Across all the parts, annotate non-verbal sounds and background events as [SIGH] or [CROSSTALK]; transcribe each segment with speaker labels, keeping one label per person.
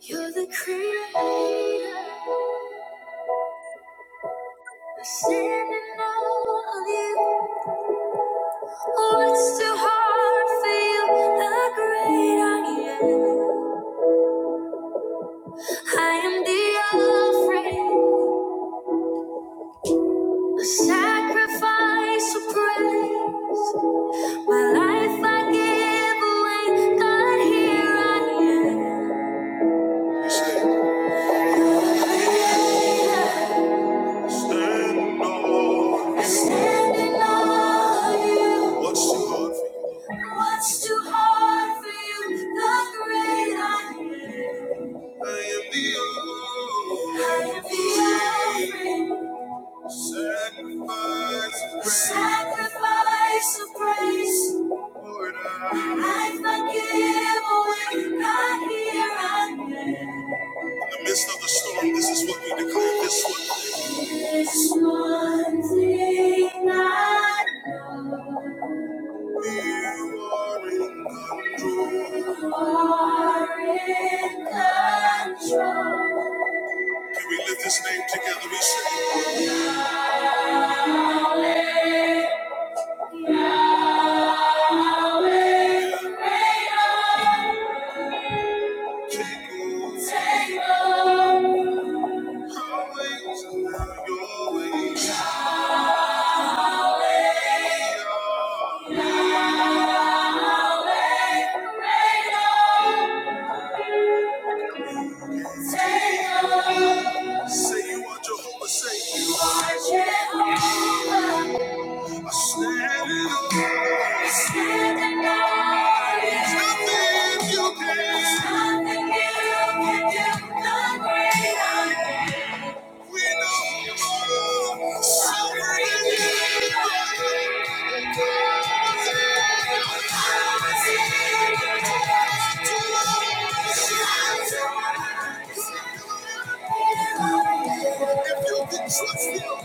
Speaker 1: You're the creator, the sending all you. Oh, it's too hard for you, the great I am. I am the offering, the sacrifice of praise. My life I give away, God, here I am. Creator, Stand on. Standing on you. What's too hard for you? What's too hard for you? The great I am. I am the only I am the Alpha. Sacrifice of praise. Sacrifice of praise. Lord, I I forgive when I hear there. In the midst of the storm, this is what we declare. This one. thing. This one thing I know. You are in control. You are in control. Can we lift this name together? We sing. Say you are Jehovah, say you are Jehovah. I stand in awe. I stand in awe. There's nothing you can. There's nothing you can do. The great I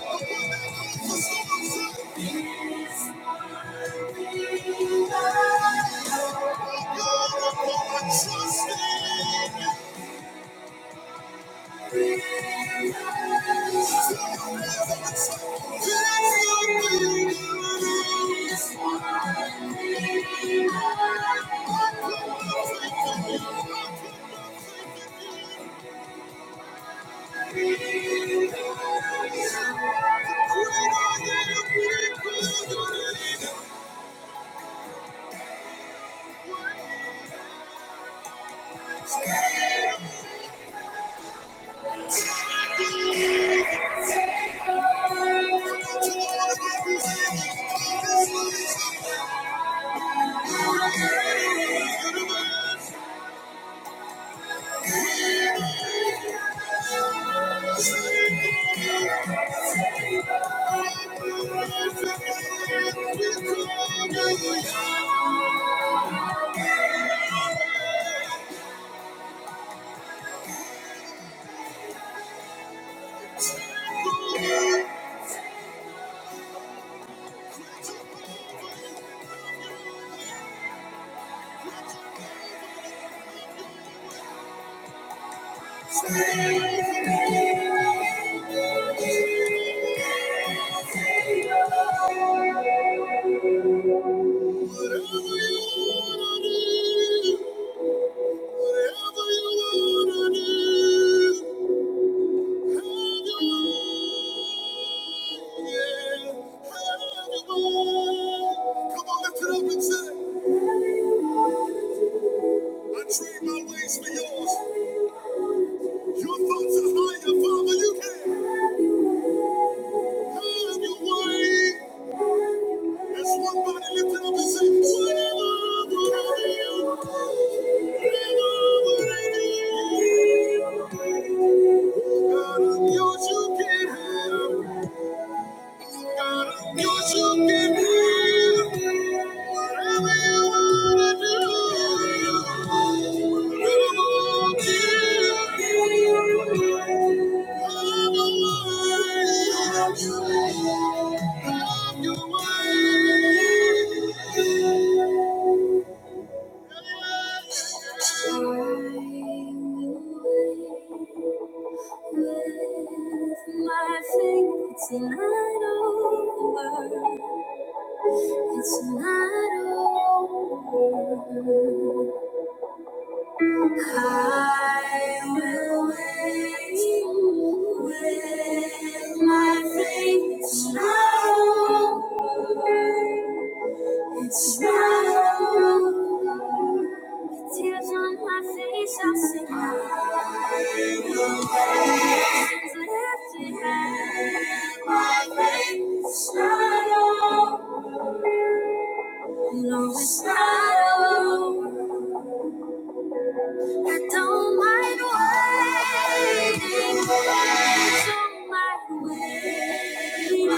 Speaker 1: am. We know sovereignty. Still, Thank you. I trade my ways for yours. Your thoughts are higher, Father. You can. Thank you. It's not over. it's not over. I will wait with my faith. It's not over. It's not over. Tears on my face, I'll sing Hallelujah. Hands lifted high, my faith is not over. No, it's not over. I don't mind waiting. I don't mind waiting. I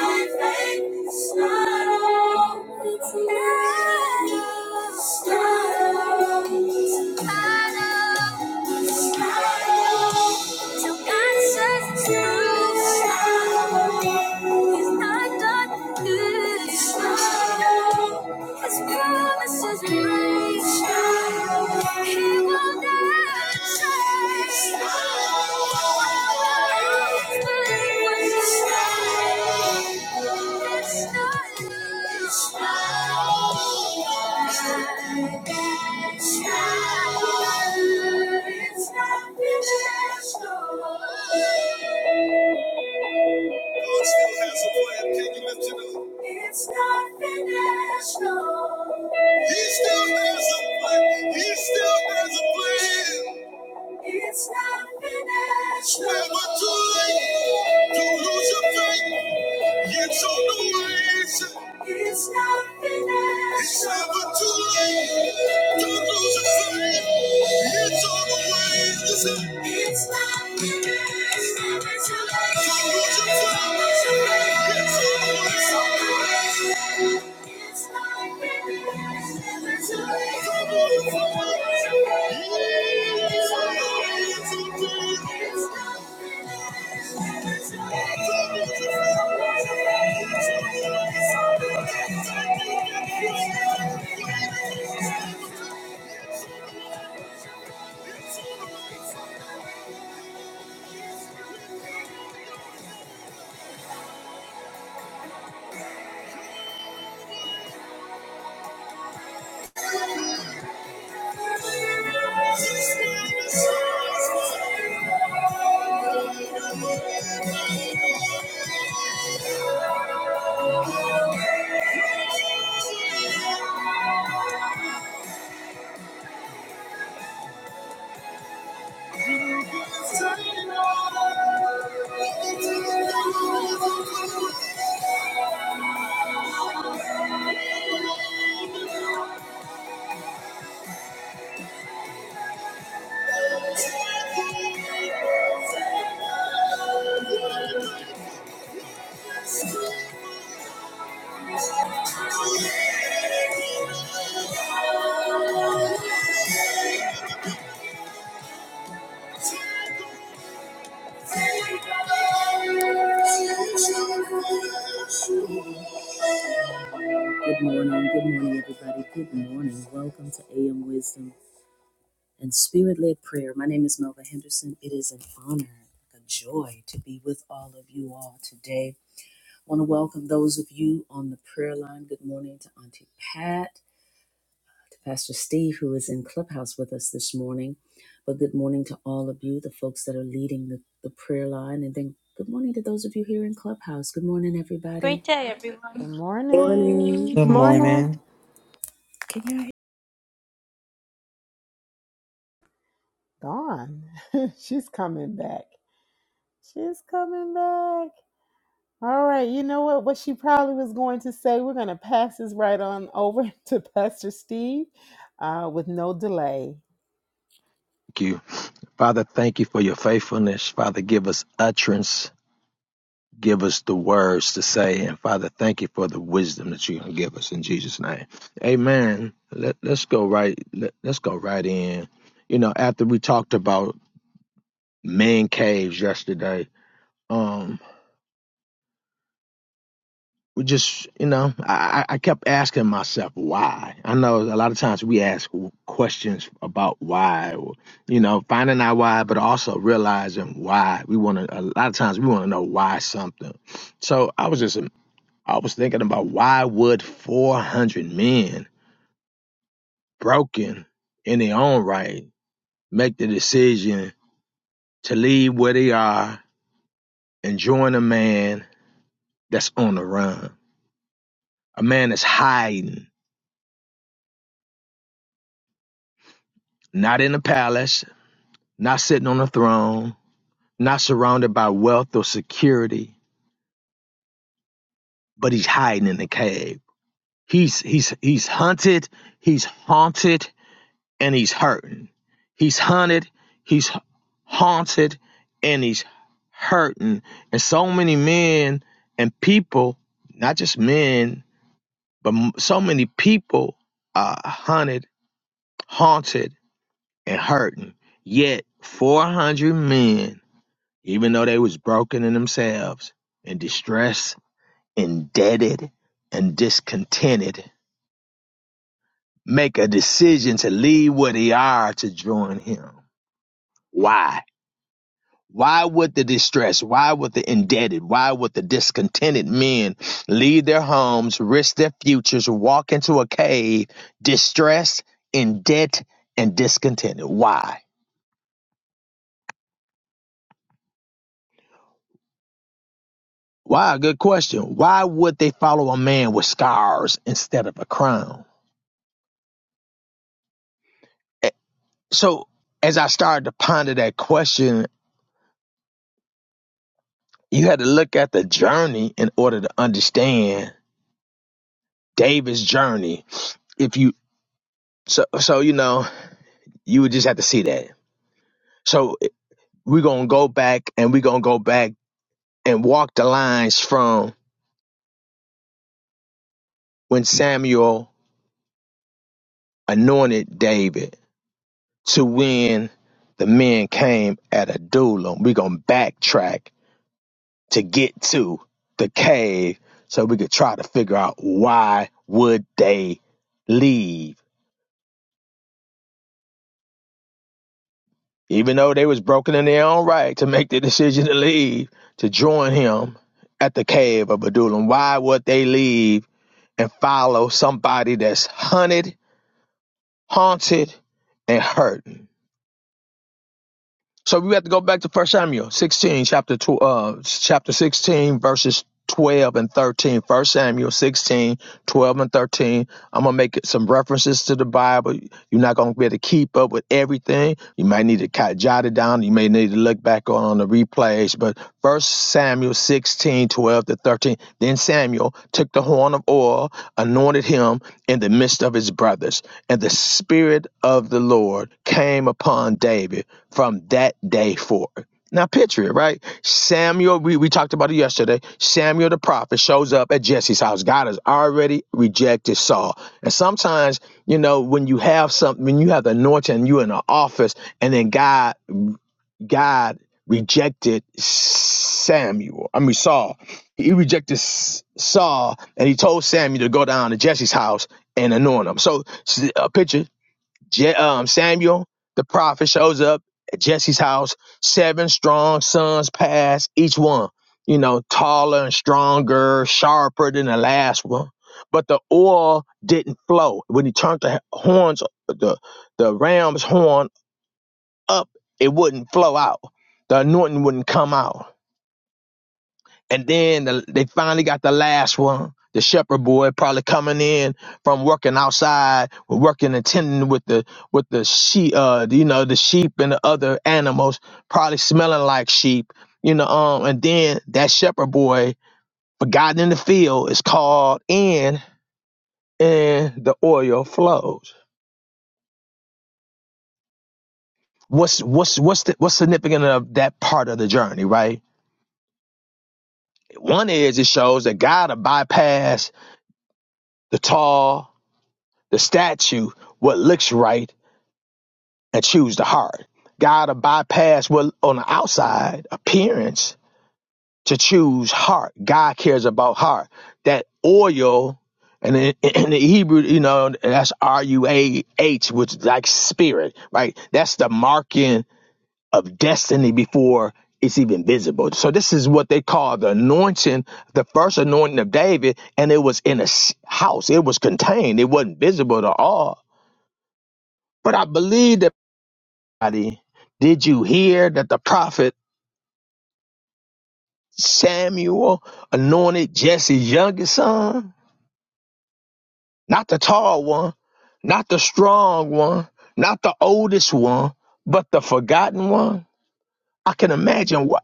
Speaker 1: it's not over. It's It's not over. It's It's not over. Till God says it's not done. It's not his promises may He will never change. It's not It's not It's not It's not God still has a plan. Can you lift it up? It's not finished, no. He still has a plan. He still has a plan. It's not finished. no. Never too late to lose your faith. It's on the way. It's not finished. It's never too late. Don't lose your faith. It's on the way. Listen. It's not finished. It's never too late. Don't lose your faith. It's on the way. It's on the way. It's not finished. It's never too late. Don't lose your faith. Yeah. It's on the way. It's on the way. It's not Thank you. Good morning, good morning, everybody. Good morning. Welcome to AM Wisdom and Spirit led Prayer. My name is Melva Henderson. It is an honor, a joy to be with all of you all today. I want to welcome those of you on the prayer line. Good morning to Auntie Pat. to Pastor Steve, who is in Clubhouse with us this morning. But good morning to all of you, the folks that are leading the, the prayer line. And then good morning to those of you here in Clubhouse. Good morning,
Speaker 2: Great
Speaker 1: everybody.
Speaker 2: day,
Speaker 3: Good
Speaker 2: everyone.
Speaker 4: Morning.
Speaker 3: morning,
Speaker 5: Good
Speaker 6: Morning.
Speaker 7: Morning.
Speaker 5: morning.
Speaker 1: Can y'all hear?
Speaker 3: Dawn. [LAUGHS] She's coming back. She's coming back. All right, you know what? What she probably was going to say, we're going to pass this right on over [LAUGHS] to Pastor Steve uh, with no delay.
Speaker 8: you. Father, thank you for your faithfulness. Father, give us utterance. Give us the words to say. And Father, thank you for the wisdom that you're going to give us in Jesus' name. Amen. Let, let's go right. Let, let's go right in. You know, after we talked about man caves yesterday, Um. we just you know I, I I kept asking myself why i know a lot of times we ask questions about why or, you know finding out why but also realizing why we want to a lot of times we want to know why something so i was just i was thinking about why would 400 men broken in their own right make the decision to leave where they are and join a man that's on the run a man that's hiding not in a palace not sitting on a throne, not surrounded by wealth or security, but he's hiding in the cave. He's he's he's hunted, he's haunted, and he's hurting. He's hunted, he's haunted, and he's hurting. And so many men and people, not just men, but so many people are hunted, haunted, and hurting. Yet 400 men even though they was broken in themselves, in distress, indebted, and discontented, make a decision to leave where they are to join him. Why? Why would the distressed, why would the indebted, why would the discontented men leave their homes, risk their futures, walk into a cave, distressed, in debt, and discontented? Why? Why? Good question. Why would they follow a man with scars instead of a crown? So as I started to ponder that question, you had to look at the journey in order to understand David's journey. If you so so you know, you would just have to see that. So we're gonna go back and we're gonna go back and walk the lines from when Samuel anointed David to when the men came at Adullam. We're gonna backtrack to get to the cave so we could try to figure out why would they leave even though they was broken in their own right to make the decision to leave to join him at the cave of Adullam. Why would they leave and follow somebody that's hunted, haunted, and hurt? So we have to go back to First Samuel 16, chapter two, uh, chapter 16, verses 12 and 13. First Samuel 16, 12 and 13. I'm gonna make some references to the Bible. You're not gonna be able to keep up with everything. You might need to kind of jot it down. You may need to look back on, on the replays. But First Samuel 16, 12 to 13 chapter 13. Then Samuel took the horn of oil, anointed him in the midst of his brothers, and the Spirit of the Lord came upon David from that day forward. Now picture it, right? Samuel, we, we talked about it yesterday. Samuel the prophet shows up at Jesse's house. God has already rejected Saul. And sometimes, you know, when you have something, when you have the anointing, you are in an office, and then God God rejected Samuel. I mean Saul he rejected S- Saul and he told Samuel to go down to Jesse's house and anoint him. So s- a picture, Je- um, Samuel, the prophet, shows up at Jesse's house. Seven strong sons pass, each one, you know, taller and stronger, sharper than the last one. But the oil didn't flow. When he turned the horns, the, the ram's horn up, it wouldn't flow out. The anointing wouldn't come out. And then the, they finally got the last one, the shepherd boy, probably coming in from working outside, working and tending with the with the sheep, uh, you know, the sheep and the other animals, probably smelling like sheep, you know. Um, and then that shepherd boy, forgotten in the field, is called in, and the oil flows. What's what's what's the, what's significant of that part of the journey, right? One is it shows that God will bypass the tall the statue, what looks right, and choose the heart. God will bypass what on the outside appearance to choose heart. God cares about heart. That oil, and in, [CLEARS THROAT] in the Hebrew, you know, that's R U A H, which is like spirit, right? That's the marking of destiny before it's even visible. So this is what they call the anointing, the first anointing of David, and it was in a house. It was contained. It wasn't visible to all. But I believe that Somebody, Did you hear that the prophet Samuel anointed Jesse's youngest son? Not the tall one, not the strong one, not the oldest one, but the forgotten one. I can imagine what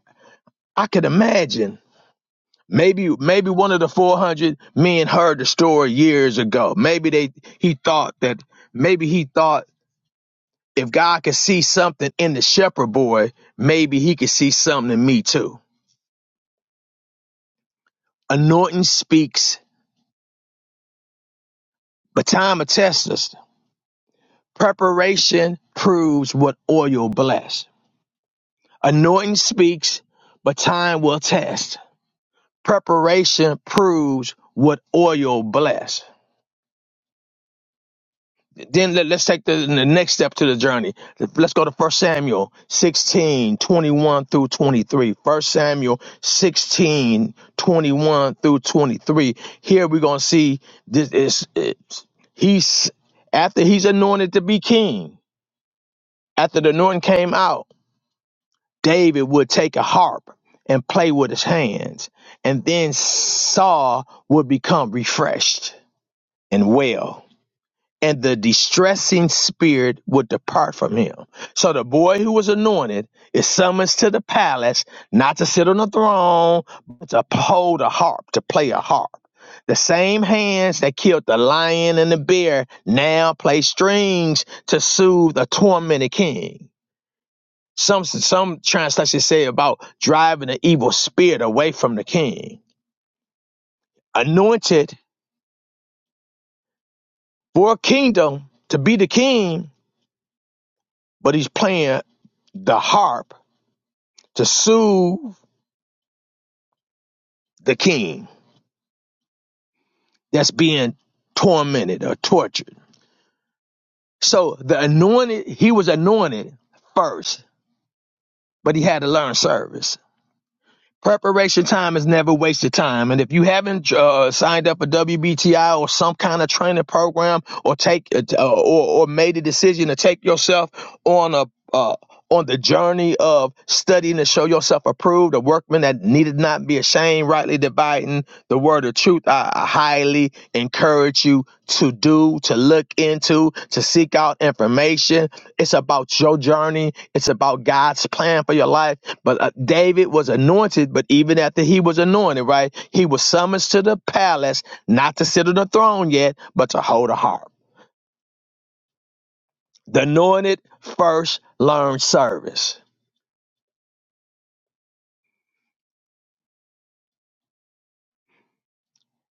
Speaker 8: I can imagine. Maybe maybe one of the 400 men heard the story years ago. Maybe they he thought that maybe he thought if God could see something in the shepherd boy, maybe he could see something in me too. Anointing speaks But time will test us. Preparation proves what oil bless. Anointing speaks, but time will test. Preparation proves what oil bless. Then let, us take the, the next step to the journey. Let's go to First Samuel 16 21 through 23. First Samuel 16 21 through 23. Here we're going to see this is, it's- he's, after he's anointed to be king After the anointing came out, David would take a harp and play with his hands, and then Saul would become refreshed and well, and the distressing spirit would depart from him. So the boy who was anointed is summoned to the palace, not to sit on the throne, but to hold a harp, to play a harp. The same hands that killed the lion and the bear now play strings to soothe a tormented king. Some some translations say about driving an evil spirit away from the king. Anointed for a kingdom to be the king, but he's playing the harp to soothe the king that's being tormented or tortured. So the anointed, he was anointed first, but he had to learn service. Preparation time is never wasted time. And if you haven't uh, signed up for WBTI or some kind of training program or take uh, or, or made a decision to take yourself on a uh, on the journey of studying to show yourself approved, a workman that needed not be ashamed, rightly dividing the word of truth, I, I highly encourage you to do, to look into, to seek out information. It's about your journey. It's about God's plan for your life but uh, David was anointed, but even after he was anointed, right, he was summoned to the palace, not to sit on the throne yet, but to hold a harp. The anointed first learned service.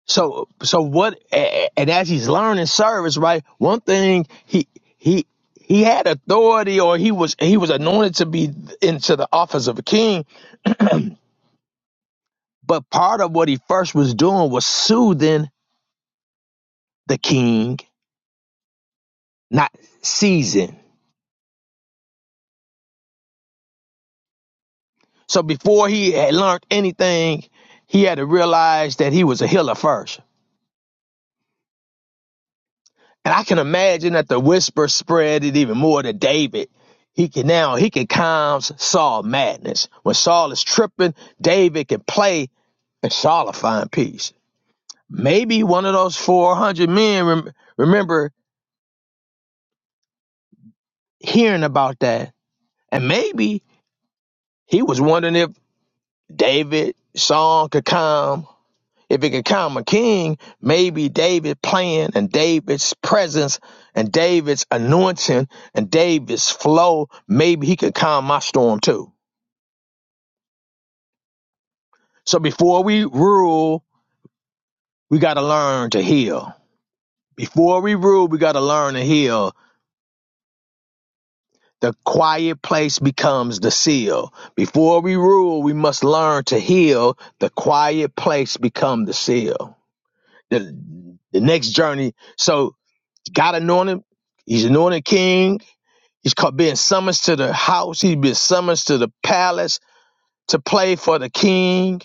Speaker 8: So, so what? a- a- And as he's learning service, right, one thing he he he had authority, or he was he was anointed to be into the office of a king. But part of what he first was doing was soothing the king, not seizing. So before he had learned anything, he had to realize that he was a healer first. And I can imagine that the whisper spread it even more to David. He can now he can calm Saul madness. When Saul is tripping, David can play and Saul will find peace. Maybe one of those 400 men rem- remember hearing about that. And maybe he was wondering if David song could calm If it could come a king, maybe David playing and David's presence and David's anointing and David's flow, maybe he could calm my storm too. So before we rule, we got to learn to heal. Before we rule, we got to learn to heal. The quiet place becomes the seal. Before we rule, we must learn to heal. The quiet place become the seal. The, the next journey. So God anointed, He's anointed king He's called being summoned to the house. He's been summoned to the palace to play for the king.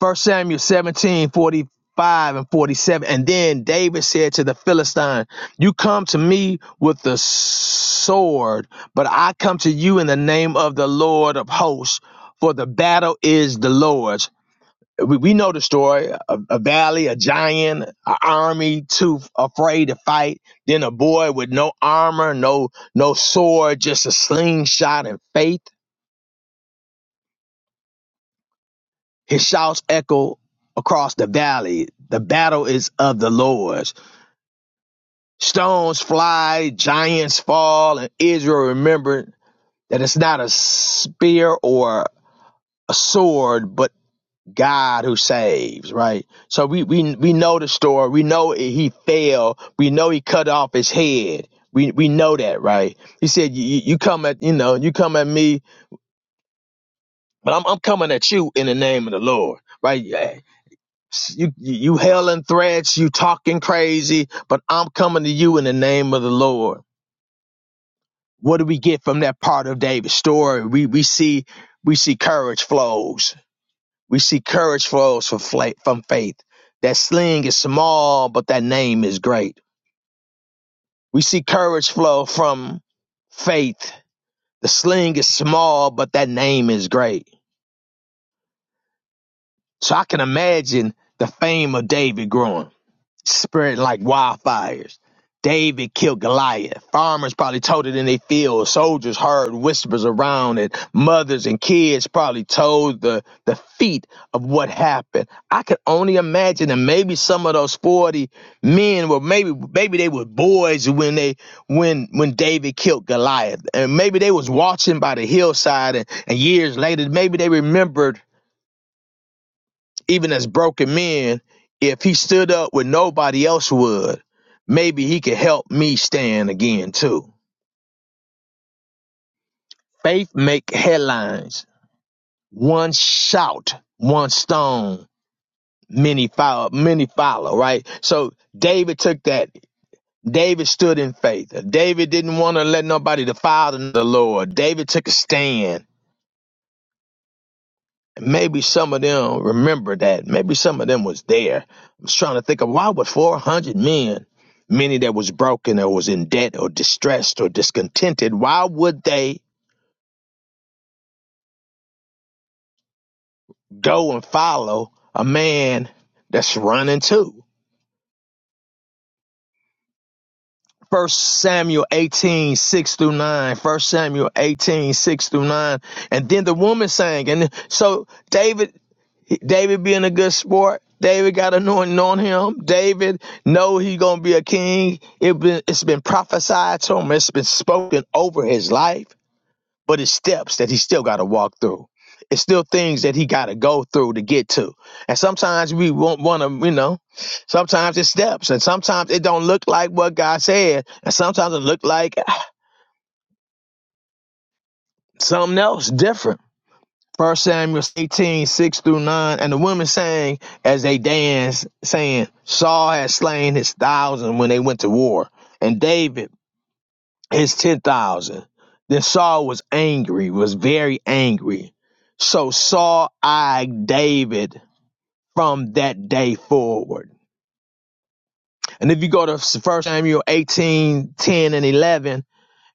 Speaker 8: First Samuel 17 45 and 47. And then David said to the Philistine, You come to me with the sword, but I come to you in the name of the Lord of hosts, for the battle is the Lord's we, we know the story a, a valley a giant an army too afraid to fight then a boy with no armor no no sword just a slingshot and faith his shouts echo across the valley the battle is of the lord's stones fly giants fall and israel remembered that it's not a spear or a sword but God who saves, right? So we we we know the story. We know he fell. We know he cut off his head. We we know that, right? He said, "You you come at you know you come at me, but I'm I'm coming at you in the name of the Lord, right? Yeah. you you hailing threats, you talking crazy, but I'm coming to you in the name of the Lord." What do we get from that part of David's story? We we see we see courage flows We see courage flows from, fla- from faith. That sling is small, but that name is great. We see courage flow from faith. The sling is small, but that name is great. So I can imagine the fame of David growing. spread like wildfires. David killed Goliath. Farmers probably told it in their fields. Soldiers heard whispers around it. Mothers and kids probably told the, the feet of what happened. I could only imagine that maybe some of those 40 men were maybe maybe they were boys when they when when David killed Goliath. And maybe they was watching by the hillside and, and years later, maybe they remembered even as broken men, if he stood up when nobody else would, maybe he could help me stand again too. Faith make headlines. One shout, one stone, many follow, many follow, right? So David took that. David stood in faith. David didn't want to let nobody defile the Lord. David took a stand maybe some of them remember that. Maybe some of them was there. I was trying to think of why would 400 men, many that was broken or was in debt or distressed or discontented, why would they go and follow a man that's running too? First Samuel 18 6 through 9. First Samuel 18 6 through 9. And then the woman sang. And so David David being a good sport. David got anointing on him. David know he gonna be a king. It been, it's been prophesied to him. It's been spoken over his life, but it's steps that he still got to walk through. It's still things that he got to go through to get to. And sometimes we won't want to, you know. Sometimes it's steps, and sometimes it don't look like what God said, and sometimes it look like something else different. First Samuel 18 6 through 9. And the women sang as they danced, saying, Saul had slain his thousand when they went to war, and David his ten thousand. Then Saul was angry, was very angry. So Saul eyed David from that day forward. And if you go to First Samuel 18 10 and 11,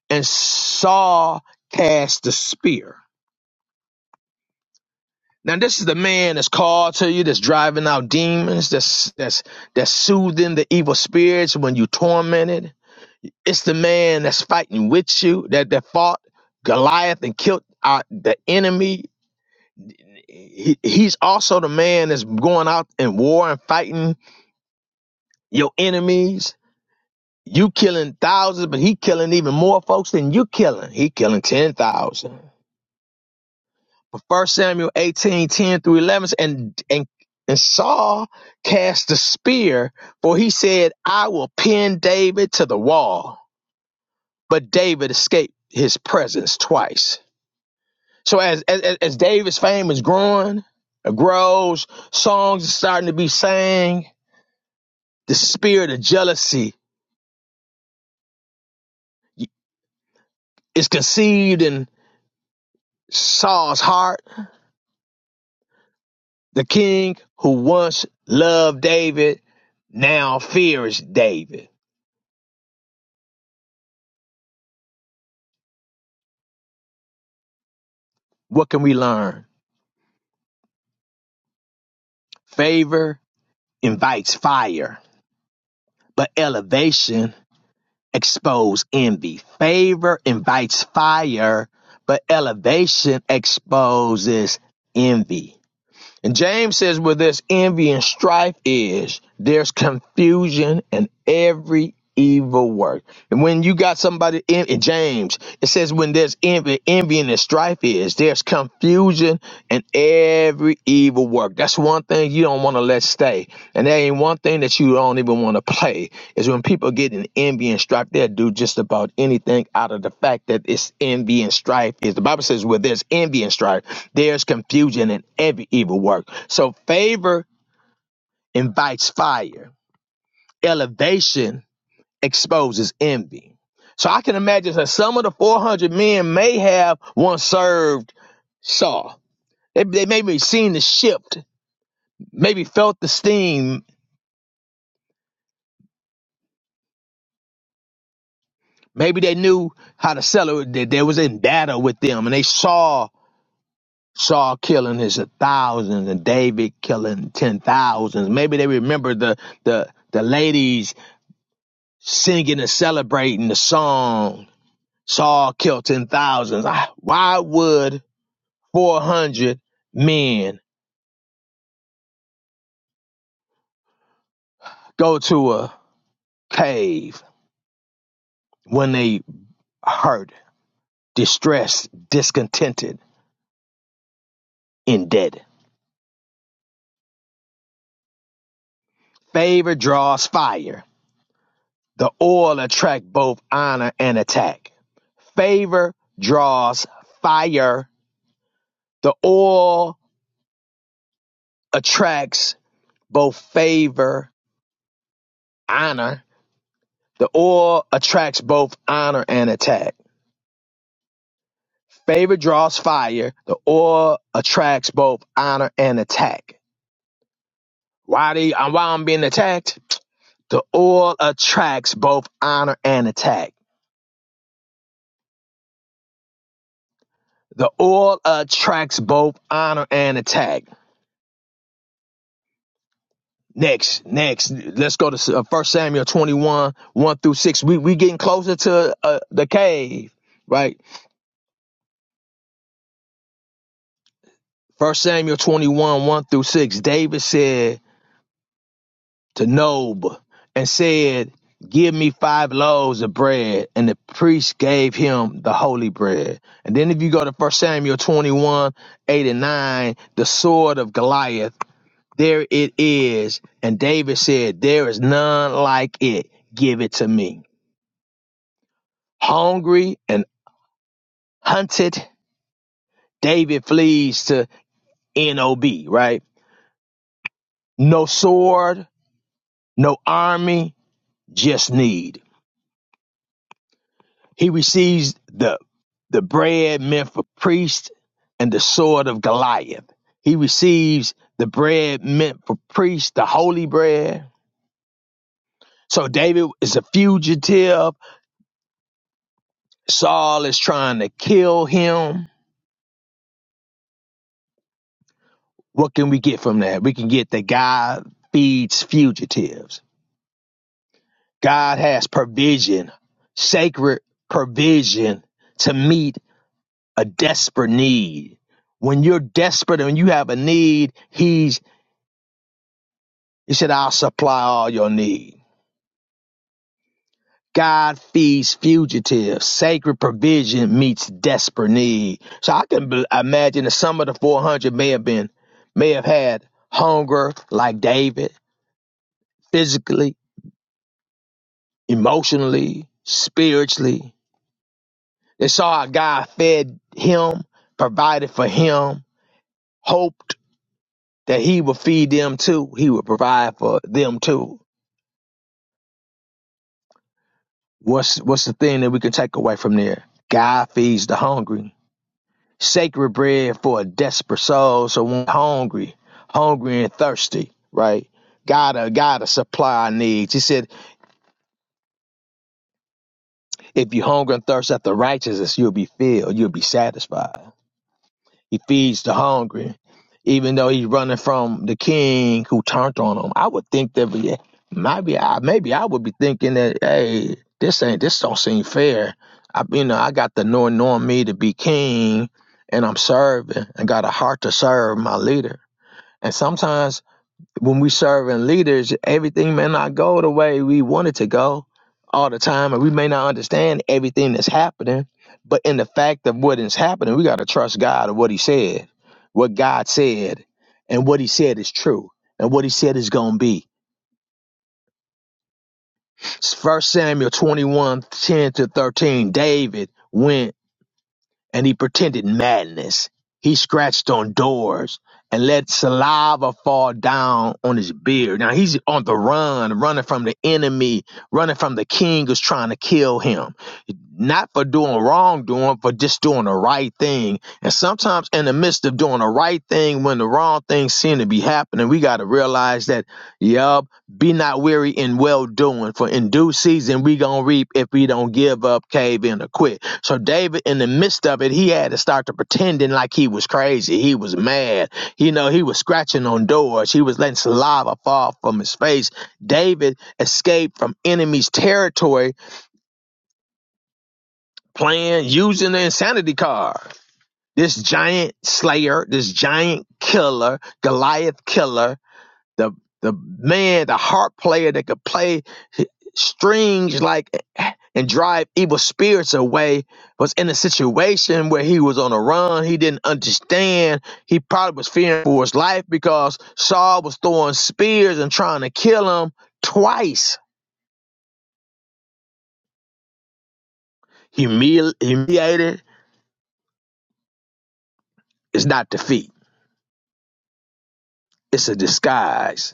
Speaker 8: and Saul cast the spear. Now this is the man that's called to you, that's driving out demons, that's that's that's soothing the evil spirits when you tormented. It's the man that's fighting with you, that that fought Goliath and killed uh, the enemy. He, he's also the man that's going out in war and fighting your enemies. You killing thousands, but he killing even more folks than you killing. He killing ten thousand. But First Samuel 18 10 through 11, and, and, and Saul cast the spear, for he said, I will pin David to the wall. But David escaped his presence twice. So as, as, as David's fame is growing, it grows, songs are starting to be sang, the spirit of jealousy is conceived in Saul's heart. The king who once loved David now fears David What can we learn? Favor invites fire, but elevation exposes envy. Favor invites fire, but elevation exposes envy. And James says, where there's envy and strife is, there's confusion and every evil work. And when you got somebody in, in James, it says when there's envy, envy and strife is, there's confusion and every evil work. That's one thing you don't want to let stay, and there ain't one thing that you don't even want to play is when people get in envy and strife. They'll do just about anything out of the fact that it's envy and strife. Is the Bible says where there's envy and strife, there's confusion and every evil work. So favor invites fire. Elevation exposes envy. So I can imagine that some of the 400 men may have once served Saul. They, they maybe seen the shift, maybe felt the steam, Maybe they knew how to sell it. That they was in battle with them, and they saw Saul killing his thousands and David killing ten thousands. Maybe they remember the the the ladies singing and celebrating the song. Saul killed ten thousands. Ah, Why would four hundred men go to a cave when they hurt, distressed, discontented, indebted? Favor draws fire The oil attracts both honor and attack. Favor draws fire. The oil attracts both favor, honor. The oil attracts both honor and attack. Favor draws fire. The oil attracts both honor and attack. Why do you, uh, why I'm being attacked? The oil attracts both honor and attack. The oil attracts both honor and attack. Next, next, let's go to uh, First Samuel 21, 1 through 6. We we getting closer to uh, the cave, right? First Samuel 21, 1 through 6. David said to Nob and said, Give me five loaves of bread. And the priest gave him the holy bread. And then if you go to First Samuel 21, 8 and 9, the sword of Goliath, there it is. And David said, There is none like it. Give it to me. Hungry and hunted, David flees to NOB, right? No sword, no army, just need. He receives the the bread meant for priests and the sword of Goliath. He receives the bread meant for priests, the holy bread. So David is a fugitive. Saul is trying to kill him. What can we get from that? We can get that God feeds fugitives God has provision, sacred provision to meet a desperate need. When you're desperate and you have a need, He's, He said, I'll supply all your need. God feeds fugitives. Sacred provision meets desperate need. So I can be- imagine that some of the 400 may have been, may have had hunger like David, physically, emotionally, spiritually They saw how God fed him, provided for him, hoped that he would feed them too. He would provide for them too. What's what's the thing that we can take away from there? God feeds the hungry. Sacred bread for a desperate soul, so when hungry, hungry and thirsty, right? Gotta gotta supply our needs. He said, if you hunger and thirst after righteousness, you'll be filled, you'll be satisfied. He feeds the hungry, even though he's running from the king who turned on him. I would think that yeah, maybe I maybe I would be thinking that hey, this ain't this don't seem fair. I you know I got the anointing on me to be king, and I'm serving and got a heart to serve my leader. And sometimes when we serving leaders, everything may not go the way we want it to go all the time, and we may not understand everything that's happening. But in the fact of what is happening, we got to trust God and what He said, what God said, and what He said is true, and what He said is going to be. First Samuel 2110 to 13, David went and he pretended madness. He scratched on doors and let saliva fall down on his beard. Now he's on the run, running from the enemy, running from the king who's trying to kill him. Not for doing wrongdoing, for just doing the right thing. And sometimes in the midst of doing the right thing, when the wrong things seem to be happening, we got to realize that, yup, be not weary in well doing, for in due season we gonna reap if we don't give up, cave in, or quit. So David, in the midst of it, he had to start to pretending like he was crazy. He was mad. You know, he was scratching on doors. He was letting saliva fall from his face. David escaped from enemy's territory playing using the insanity card. This giant slayer, this giant killer, Goliath killer, the the man, the harp player that could play strings like eh, and drive evil spirits away was in a situation where he was on a run. He didn't understand. He probably was fearing for his life because Saul was throwing spears and trying to kill him twice. Humili- humiliated is not defeat. It's a disguise.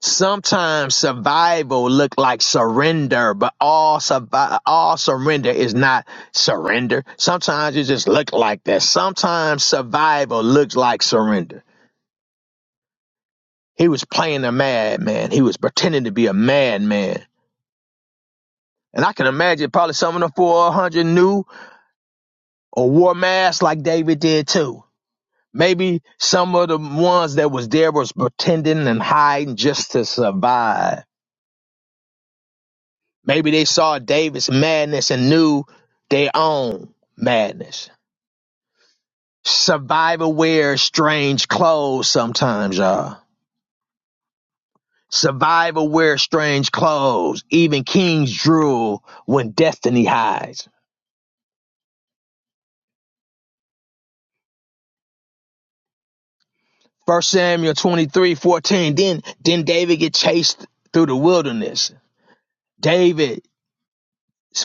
Speaker 8: Sometimes survival look like surrender, but all survi- all surrender is not surrender. Sometimes it just look like that. Sometimes survival looks like surrender. He was playing a madman. He was pretending to be a madman. And I can imagine probably some of the 400 knew or wore masks like David did too. Maybe some of the ones that was there was pretending and hiding just to survive. Maybe they saw David's madness and knew their own madness. Survivor wears strange clothes sometimes, y'all. Survivor wears strange clothes. Even kings drool when destiny hides. First Samuel 23 14. Then, then David get chased through the wilderness. David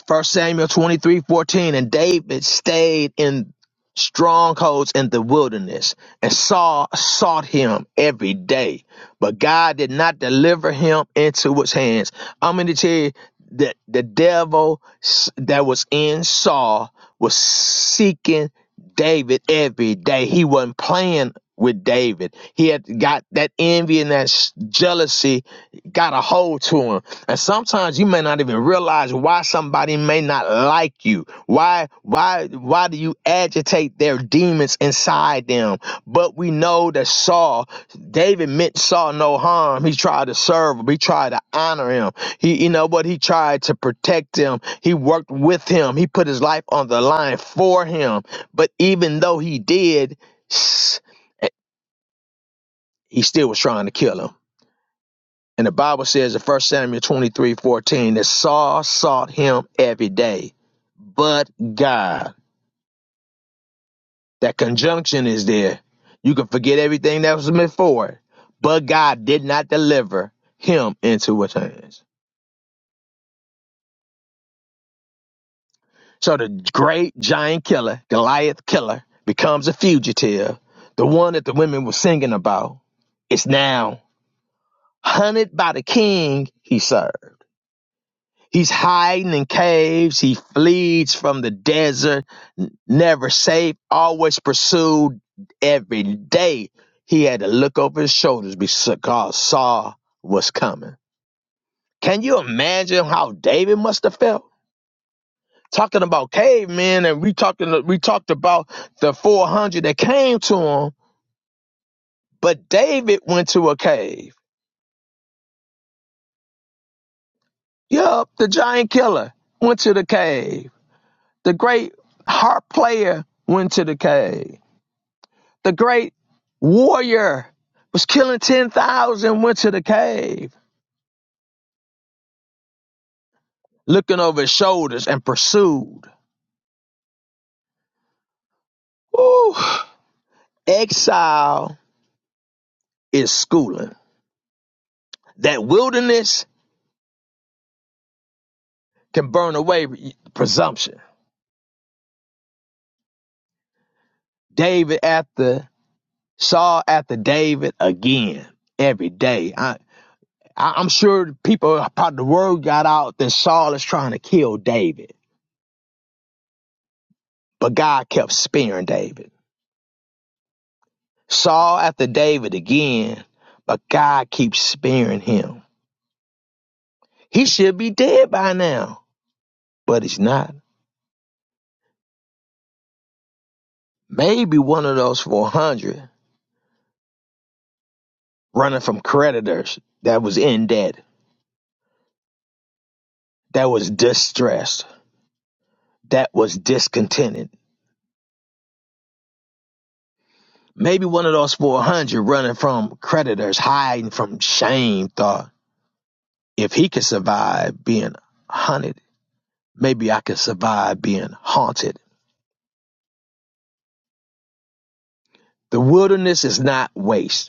Speaker 8: First Samuel twenty three fourteen, and David stayed in strongholds in the wilderness, and Saul sought him every day, but God did not deliver him into his hands. I'm going to tell you that the devil s- that was in Saul was seeking David every day. He wasn't playing with David. He had got that envy and that s- jealousy got a hold to them. And sometimes you may not even realize why somebody may not like you. Why why why do you agitate their demons inside them? But we know that Saul, David meant Saul no harm. He tried to serve him. He tried to honor him. He you know what he tried to protect him. He worked with him. He put his life on the line for him. But even though he did, s- eh, he still was trying to kill him and the Bible says in 1 Samuel 23:14 that Saul sought him every day, but God. That conjunction is there. You can forget everything that was before it, but God did not deliver him into his hands. So the great giant killer, Goliath killer, becomes a fugitive. The one that the women were singing about is now hunted by the king he served. He's hiding in caves. He flees from the desert, n- never safe, always pursued every day. He had to look over his shoulders because Saul was coming. Can you imagine how David must have felt? Talking about cavemen, and we talking we talked about the 400 that came to him, but David went to a cave. Yup, the giant killer went to the cave. The great harp player went to the cave the great warrior was killing 10,000, went to the cave, looking over his shoulders and pursued. Woo. Exile is schooling. That wilderness can burn away presumption. David after Saul after David again every day. I, I, I'm sure people probably the word got out that Saul is trying to kill David, but God kept sparing David. Saul after David again, but God keeps sparing him. He should be dead by now, but he's not. Maybe one of those 400 running from creditors that was in debt, that was distressed, that was discontented. Maybe one of those 400 running from creditors, hiding from shame, thought, if he could survive being hunted, maybe I could survive being haunted. The wilderness is not waste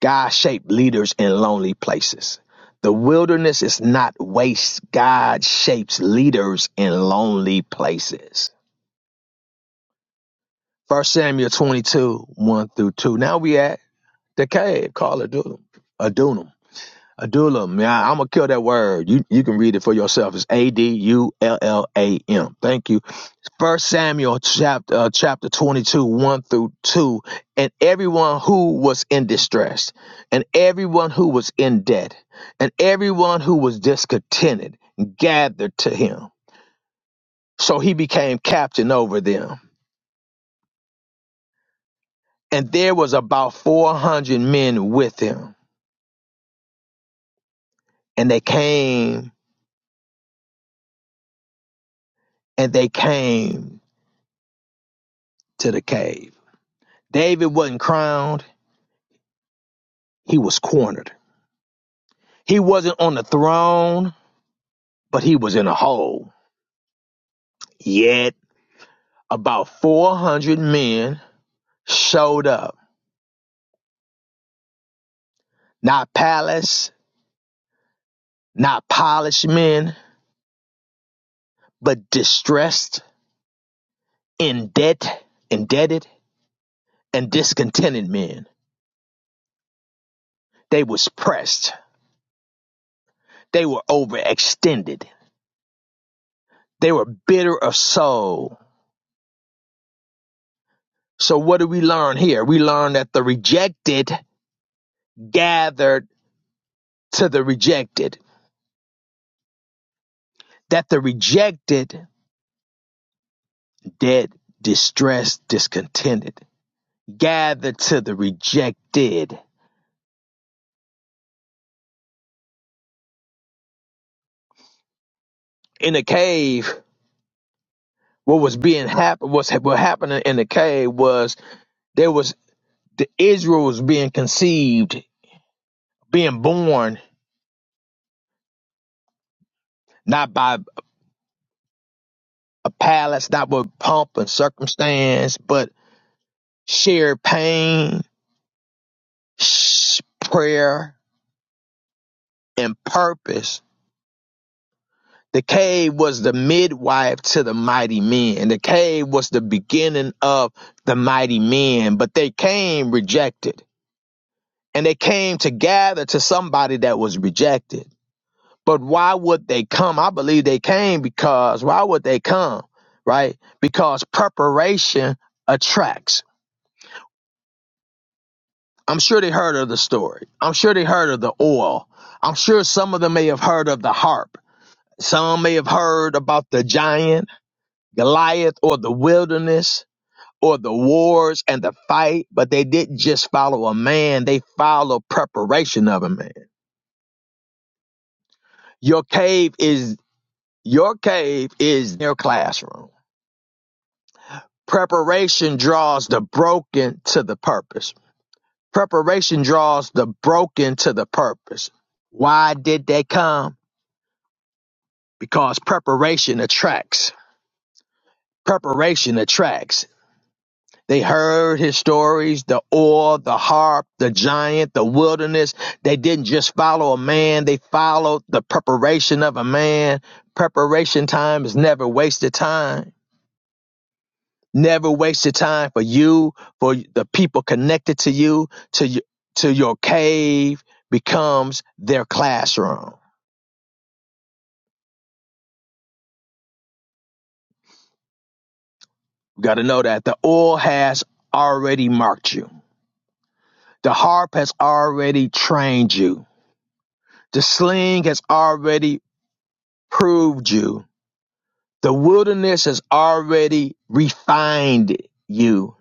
Speaker 8: God shaped leaders in lonely places. The wilderness is not waste. God shapes leaders in lonely places. First Samuel 22, 1 through 2. Now we at the cave called Adullam. Adullam. Adullam. Yeah, I'm going to kill that word. You, you can read it for yourself. It's A D U L L A M. Thank you First Samuel chapter uh, chapter 22 1 through 2 and everyone who was in distress and everyone who was in debt and everyone who was discontented gathered to him so he became captain over them and there was about 400 men with him and they came and they came to the cave David wasn't crowned he was cornered he wasn't on the throne but he was in a hole yet About 400 men showed up. Not palace, not polished men, but distressed, in debt, indebted, and discontented men. They was pressed. They were overextended. They were bitter of soul. So what do we learn here? We learn that the rejected gathered to the rejected. That the rejected, dead, distressed, discontented, gathered to the rejected in the cave, what was being happen what's what happening in the cave was there was the Israel was being conceived, being born not by a palace, not by pomp and circumstance, but shared pain, sh- prayer, and purpose. The cave was the midwife to the mighty men. The cave was the beginning of the mighty men, but they came rejected and they came to gather to somebody that was rejected But why would they come? I believe they came because why would they come? Right? Because preparation attracts. I'm sure they heard of the story. I'm sure they heard of the oil. I'm sure some of them may have heard of the harp. Some may have heard about the giant, Goliath, or the wilderness, or the wars and the fight, but they didn't just follow a man, they followed preparation of a man. Your cave is your cave is their classroom Preparation draws the broken to the purpose. Preparation draws the broken to the purpose. Why did they come? Because preparation attracts. Preparation attracts. They heard his stories, the oil, the harp, the giant, the wilderness. They didn't just follow a man, they followed the preparation of a man. Preparation time is never wasted time. Never waste your time for you, for the people connected to you, to you, to your cave becomes their classroom. You got to know that the oil has already marked you. The harp has already trained you. The sling has already proved you. The wilderness has already refined you.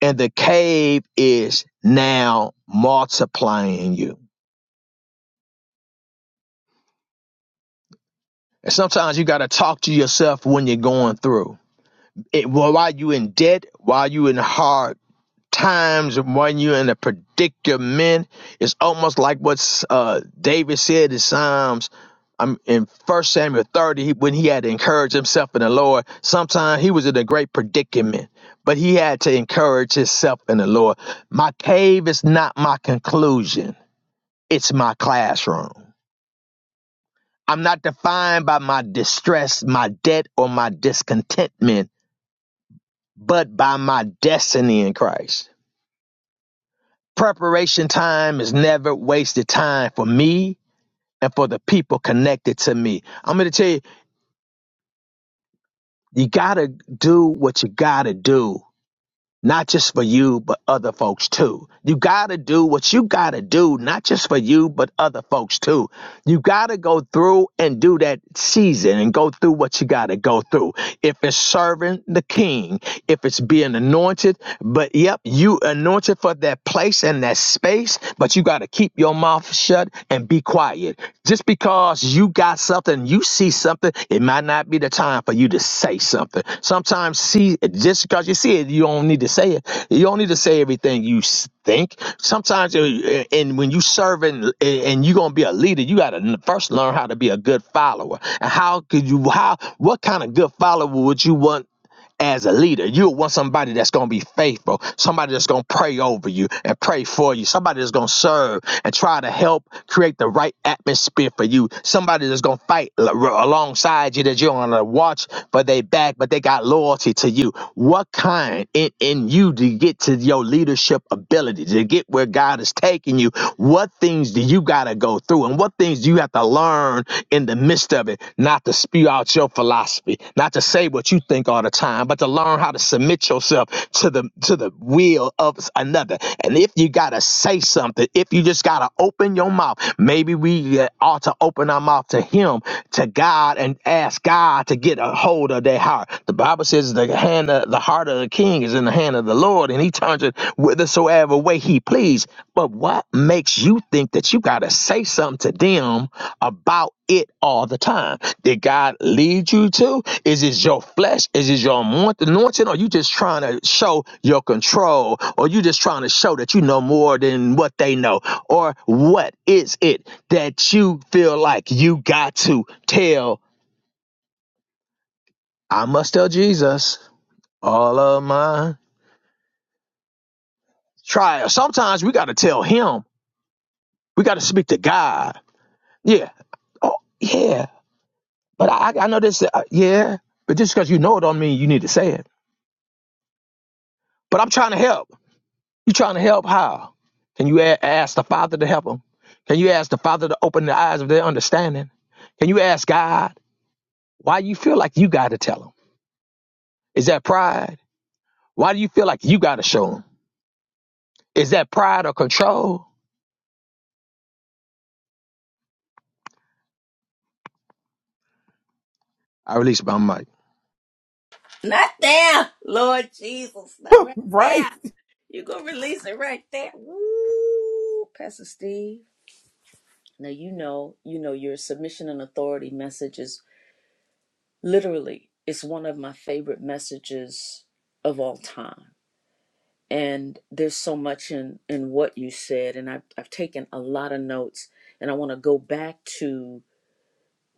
Speaker 8: And the cave is now multiplying you. And sometimes you got to talk to yourself when you're going through. it, well, while you in debt, while you in hard times, when you are in a predicament, it's almost like what uh, David said in Psalms. I'm in First Samuel 30 when he had to encourage himself in the Lord. Sometimes he was in a great predicament, but he had to encourage himself in the Lord. My cave is not my conclusion; it's my classroom. I'm not defined by my distress, my debt, or my discontentment. but by my destiny in Christ. Preparation time is never wasted time for me and for the people connected to me. I'm going to tell you, you got to do what you got to do not just for you, but other folks too. You gotta do what you gotta do, not just for you, but other folks too. You gotta go through and do that season and go through what you gotta go through. If it's serving the king, if it's being anointed, but yep, you anointed for that place and that space, but you gotta keep your mouth shut and be quiet quiet. Just because you got something, you see something, it might not be the time for you to say something. Sometimes see just because you see it, you don't need to say it. You don't need to say everything you think. Sometimes uh, and when you serving and and you gonna be a leader, you gotta first learn how to be a good follower. And how could you how what kind of good follower would you want? as a leader. You'll want somebody that's going to be faithful, somebody that's going to pray over you and pray for you, somebody that's going to serve and try to help create the right atmosphere for you, somebody that's going to fight al- alongside you, that you're going to watch for their back, but they got loyalty to you. What kind in, in you to get to your leadership ability, to get where God is taking you? What things? things do you got to go through and what things do you have to learn in the midst of it, not to spew out your philosophy, not to say what you think all the time, but to learn how to submit yourself to the to the will of another. And if you got to say something, if you just got to open your mouth, maybe we uh, ought to open our mouth to him, to God and ask God to get a hold of their heart the Bible says the hand, of, the heart of the king is in the hand of the Lord, and he turns it whithersoever way he please. But what makes you think that you got to say something to them about it all the time? Did God lead you to? Is it your flesh? Is it your anoint- anointing? Or you just trying to show your control? Or you just trying to show that you know more than what they know? Or what is it that you feel like you got to tell? I must tell Jesus all of my trials. Sometimes we got to tell him. We got to speak to God. Yeah. Oh, yeah. But I, I know this. Uh, yeah. But just because you know it don't mean you need to say it. But I'm trying to help. You trying to help how? Can you a- ask the Father to help them? Can you ask the Father to open the eyes of their understanding? Can you ask God why you feel like you got to tell them? Is that pride? Why do you feel like you got to show them? Is that pride or control? I release my mic.
Speaker 1: Not there, Lord Jesus. Not
Speaker 3: [LAUGHS]
Speaker 1: right
Speaker 3: Right.
Speaker 1: there. You gonna release it right there. Woo, Pastor Steve. Now, you know, you know, your submission and authority message is literally, it's one of my favorite messages of all time. and there's so much in in what you said and I've, I've taken a lot of notes and i want to go back to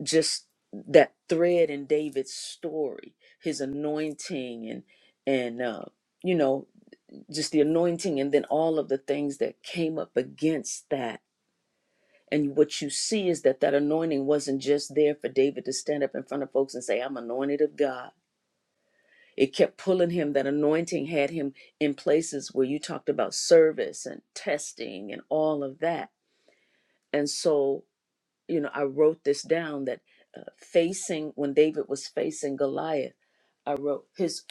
Speaker 1: just that thread in david's story his anointing and and uh you know just the anointing and then all of the things that came up against that and what you see is that that anointing wasn't just there for david to stand up in front of folks and say i'm anointed of god It kept pulling him. That anointing had him in places where you talked about service and testing and all of that. And so, you know, I wrote this down that uh, facing when David was facing Goliath, I wrote his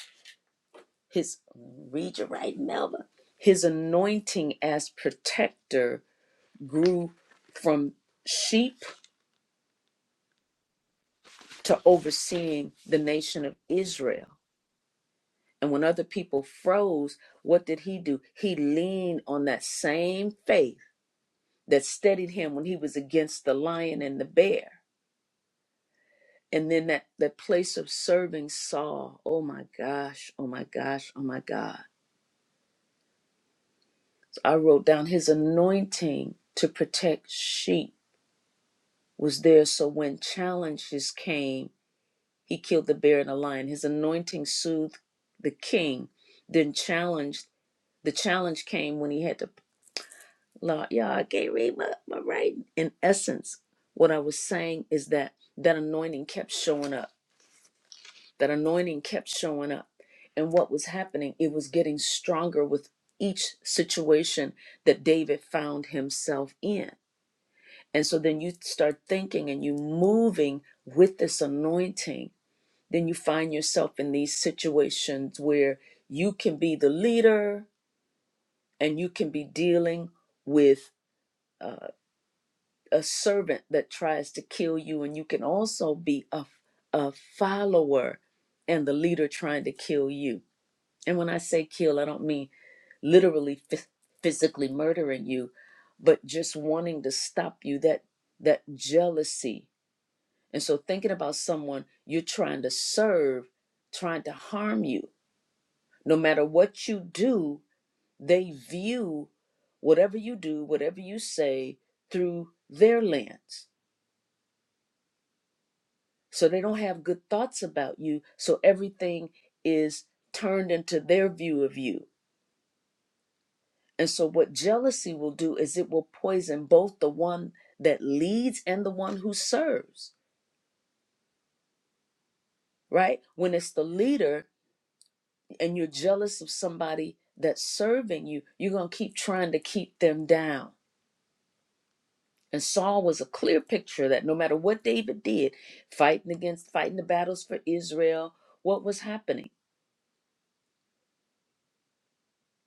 Speaker 1: his read you right, Melba. His anointing as protector grew from sheep to overseeing the nation of Israel. And when other people froze, what did he do? He leaned on that same faith that steadied him when he was against the lion and the bear. And then that, that place of serving Saul. Oh my gosh, oh my gosh, oh my God. So I wrote down his anointing to protect sheep was there. So when challenges came, he killed the bear and the lion. His anointing soothed the king, then challenged. The challenge came when he had to Lord, yeah, I can't read my, my writing. In essence, what I was saying is that that anointing kept showing up. That anointing kept showing up. And what was happening, it was getting stronger with each situation that David found himself in. And so then you start thinking and you moving with this anointing. Then you find yourself in these situations where you can be the leader and you can be dealing with uh, a servant that tries to kill you, and you can also be a, a follower and the leader trying to kill you. And when I say kill, I don't mean literally phys- physically murdering you, but just wanting to stop you that that jealousy. And so thinking about someone you're trying to serve, trying to harm you. No matter what you do, they view whatever you do, whatever you say through their lens So they don't have good thoughts about you. So everything is turned into their view of you. And so what jealousy will do is it will poison both the one that leads and the one who serves, right? When it's the leader and you're jealous of somebody that's serving you, you're going to keep trying to keep them down. And Saul was a clear picture of that no matter what David did, fighting against, fighting the battles for Israel, what was happening?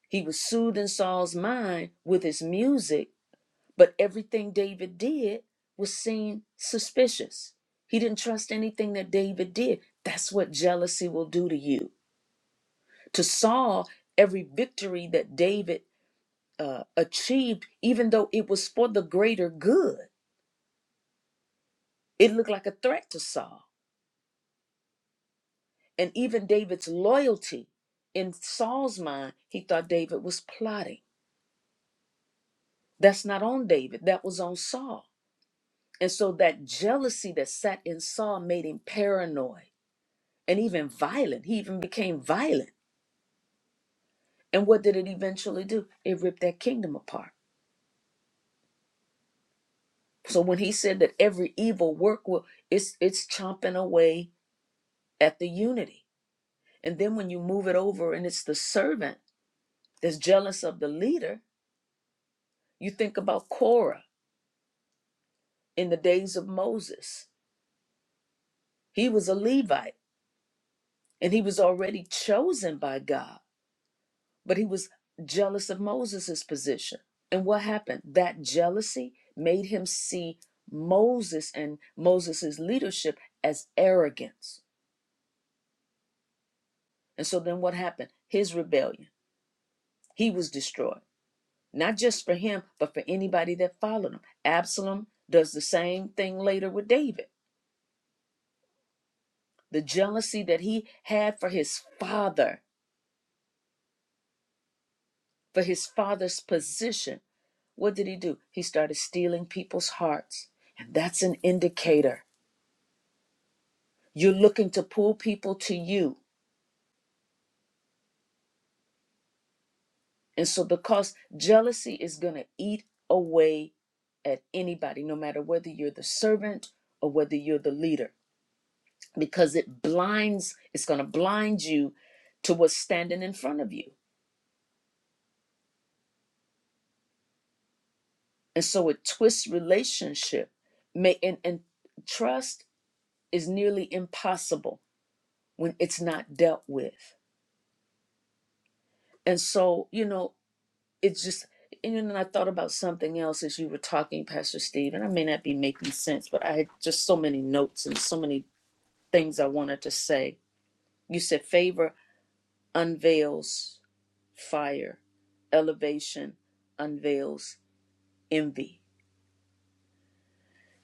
Speaker 1: He was soothing Saul's mind with his music, but everything David did was seen suspicious. He didn't trust anything that David did. That's what jealousy will do to you. To Saul, every victory that David uh, achieved, even though it was for the greater good, it looked like a threat to Saul. And even David's loyalty in Saul's mind, he thought David was plotting. That's not on David, that was on Saul. And so that jealousy that sat in Saul made him paranoid and even violent. He even became violent. And what did it eventually do? It ripped that kingdom apart. So when he said that every evil work will it's it's chomping away at the unity. And then when you move it over and it's the servant that's jealous of the leader, you think about Korah in the days of Moses. He was a Levite and he was already chosen by God but he was jealous of Moses's position. And what happened? That jealousy made him see Moses and Moses's leadership as arrogance. And so then what happened? His rebellion. He was destroyed, not just for him, but for anybody that followed him. Absalom does the same thing later with David. The jealousy that he had for his father, for his father's position, what did he do? He started stealing people's hearts. And that's an indicator You're looking to pull people to you. And so, because jealousy is going to eat away at anybody, no matter whether you're the servant or whether you're the leader, because it blinds, it's going to blind you to what's standing in front of you. And so, it twists relationship. May, and, and trust is nearly impossible when it's not dealt with. And so, you know, it's just and then I thought about something else as you were talking, Pastor Steve, and I may not be making sense, but I had just so many notes and so many things I wanted to say. You said favor unveils fire, elevation unveils envy.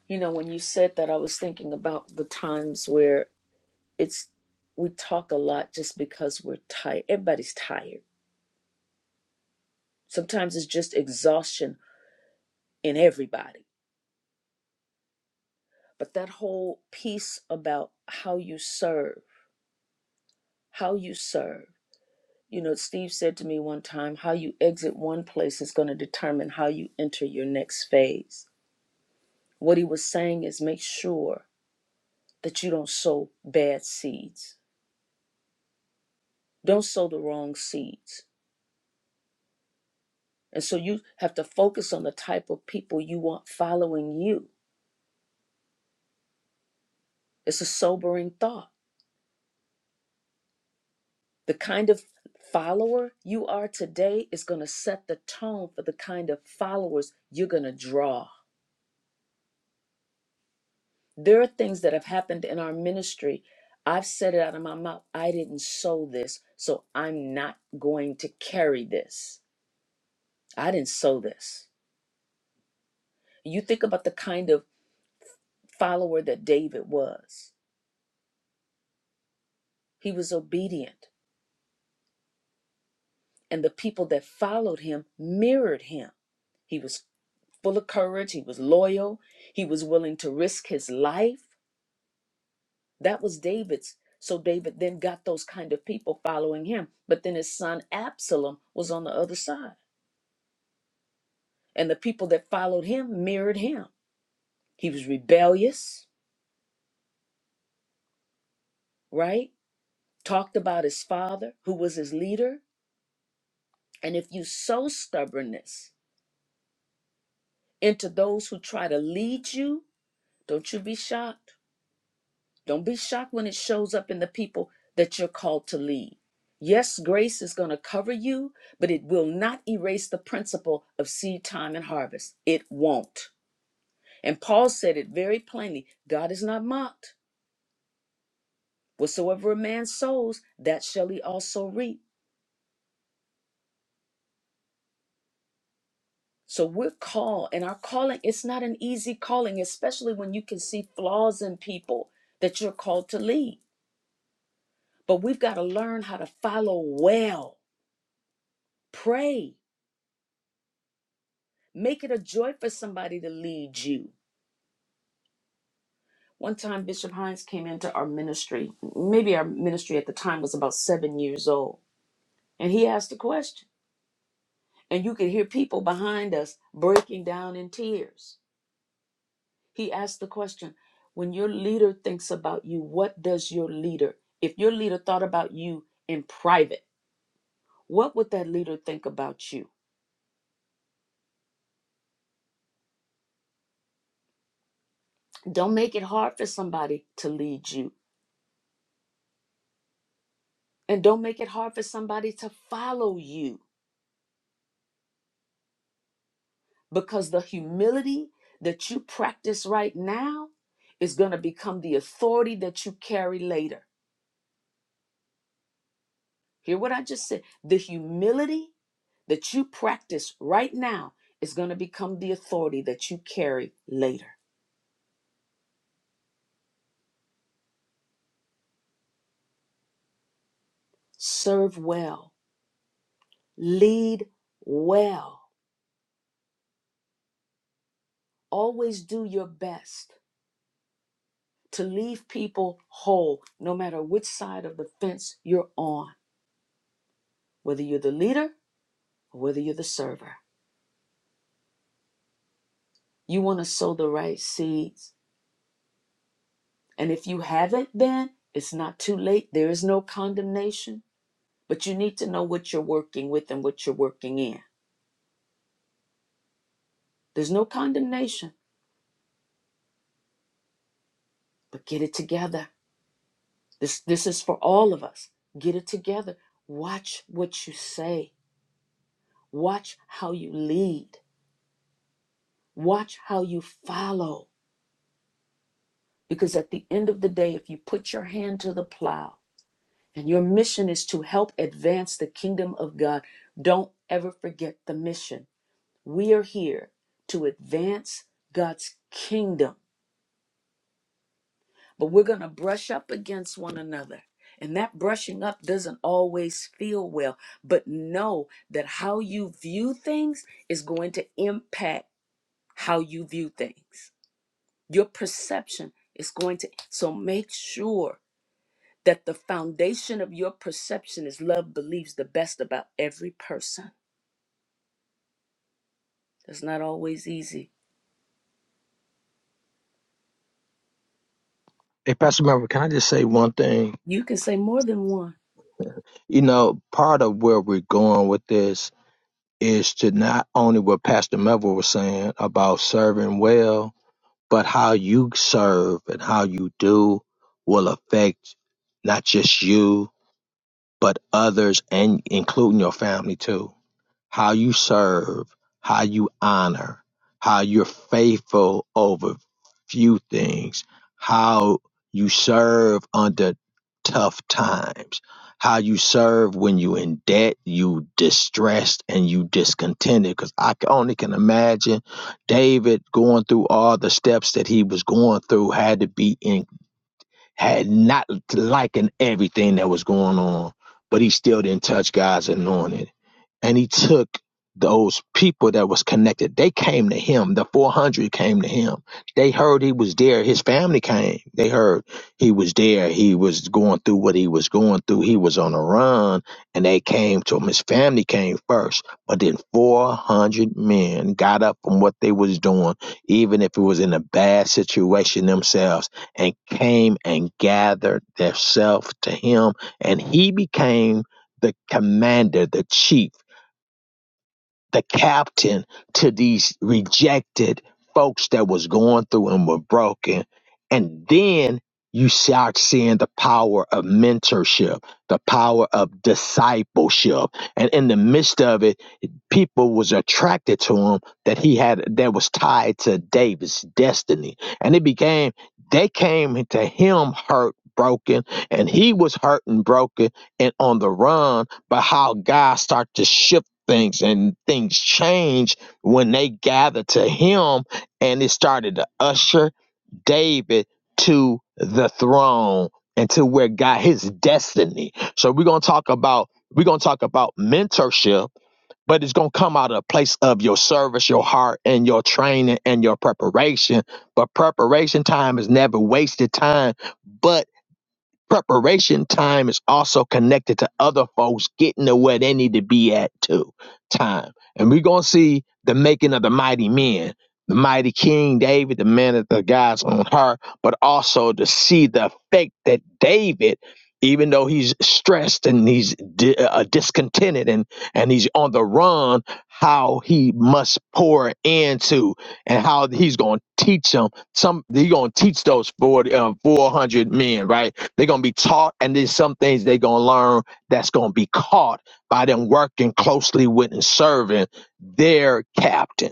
Speaker 1: You know, when you said that, I was thinking about the times where it's we talk a lot just because we're tired. Everybody's tired. Sometimes it's just exhaustion in everybody but that whole piece about how you serve, how you serve. You know, Steve said to me one time, how you exit one place is going to determine how you enter your next phase. What he was saying is make sure that you don't sow bad seeds, don't sow the wrong seeds. And so you have to focus on the type of people you want following you. It's a sobering thought The kind of follower you are today is going to set the tone for the kind of followers you're going to draw. There are things that have happened in our ministry. I've said it out of my mouth. I didn't sow this, so I'm not going to carry this. I didn't sow this. You think about the kind of follower that David was. He was obedient, and the people that followed him mirrored him. He was full of courage, he was loyal, he was willing to risk his life. That was David's. So David then got those kind of people following him. But then his son Absalom was on the other side. And the people that followed him mirrored him. He was rebellious, right? Talked about his father, who was his leader. And if you sow stubbornness into those who try to lead you, don't you be shocked Don't be shocked when it shows up in the people that you're called to lead. Yes, grace is going to cover you, but it will not erase the principle of seed time and harvest. It won't. And Paul said it very plainly God is not mocked. Whatsoever a man sows, that shall he also reap. So we're called, and our calling, it's not an easy calling, especially when you can see flaws in people that you're called to lead. But we've got to learn how to follow well, pray, Make it a joy for somebody to lead you. One time, Bishop Hines came into our ministry. Maybe our ministry at the time was about seven years old. And he asked a question. And you could hear people behind us breaking down in tears. He asked the question When your leader thinks about you, what does your leader, if your leader thought about you in private, what would that leader think about you? Don't make it hard for somebody to lead you. And don't make it hard for somebody to follow you. because the humility that you practice right now is going to become the authority that you carry later. Hear what I just said. The humility that you practice right now is going to become the authority that you carry later. Serve well, lead well, always do your best to leave people whole, no matter which side of the fence you're on, whether you're the leader or whether you're the server. You want to sow the right seeds And if you haven't been, it's not too late. There is no condemnation, but you need to know what you're working with and what you're working in. There's no condemnation, but get it together. This this is for all of us. Get it together. Watch what you say. Watch how you lead. Watch how you follow. Because at the end of the day, if you put your hand to the plow and your mission is to help advance the kingdom of God, don't ever forget the mission We are here to advance God's kingdom, but we're going to brush up against one another. And that brushing up doesn't always feel well, but know that how you view things is going to impact how you view things. Your perception is going to, so make sure that the foundation of your perception is love believes the best about every person. That's not always easy.
Speaker 8: Hey, Pastor Member, can I just say one thing?
Speaker 1: You can say more than one
Speaker 8: You know, part of where we're going with this is to not only what Pastor Melville was saying about serving well, but how you serve and how you do will affect not just you, but others and including your family too how you serve, how you honor, how you're faithful over few things, how you serve under tough times, how you serve when you in debt, you distressed and you discontented. Because I only can imagine David going through all the steps that he was going through had to be in had not liking everything that was going on, but he still didn't touch God's anointed. And he took those people that was connected. They came to him. The 400 came to him. They heard he was there. His family came. They heard he was there. He was going through what he was going through. He was on a run and they came to him. His family came first, but then 400 men got up from what they was doing, even if it was in a bad situation themselves and came and gathered themselves to him, and he became the commander, the chief, the captain to these rejected folks that was going through and were broken. And then you start seeing the power of mentorship, the power of discipleship. And in the midst of it, people was attracted to him that he had that was tied to David's destiny. And it became they came to him hurt, broken, and he was hurt and broken and on the run, but how God started to shift things and things change when they gathered to him and it started to usher David to the throne and to where God his destiny. So we're gonna talk about we're gonna talk about mentorship but it's going to come out of a place of your service, your heart, and your training and your preparation. But preparation time is never wasted time. But preparation time is also connected to other folks getting to where they need to be at too time and we're going to see the making of the mighty men the mighty king david the man of the guys on her but also to see the effect that david even though he's stressed and he's di- uh, uh, discontented and, and he's on the run, how he must pour into and how he's going to teach them. Some he's going to teach those 40, uh, 400 men, right? They're going to be taught, and then some things they're going to learn that's going to be caught by them working closely with and serving their captain.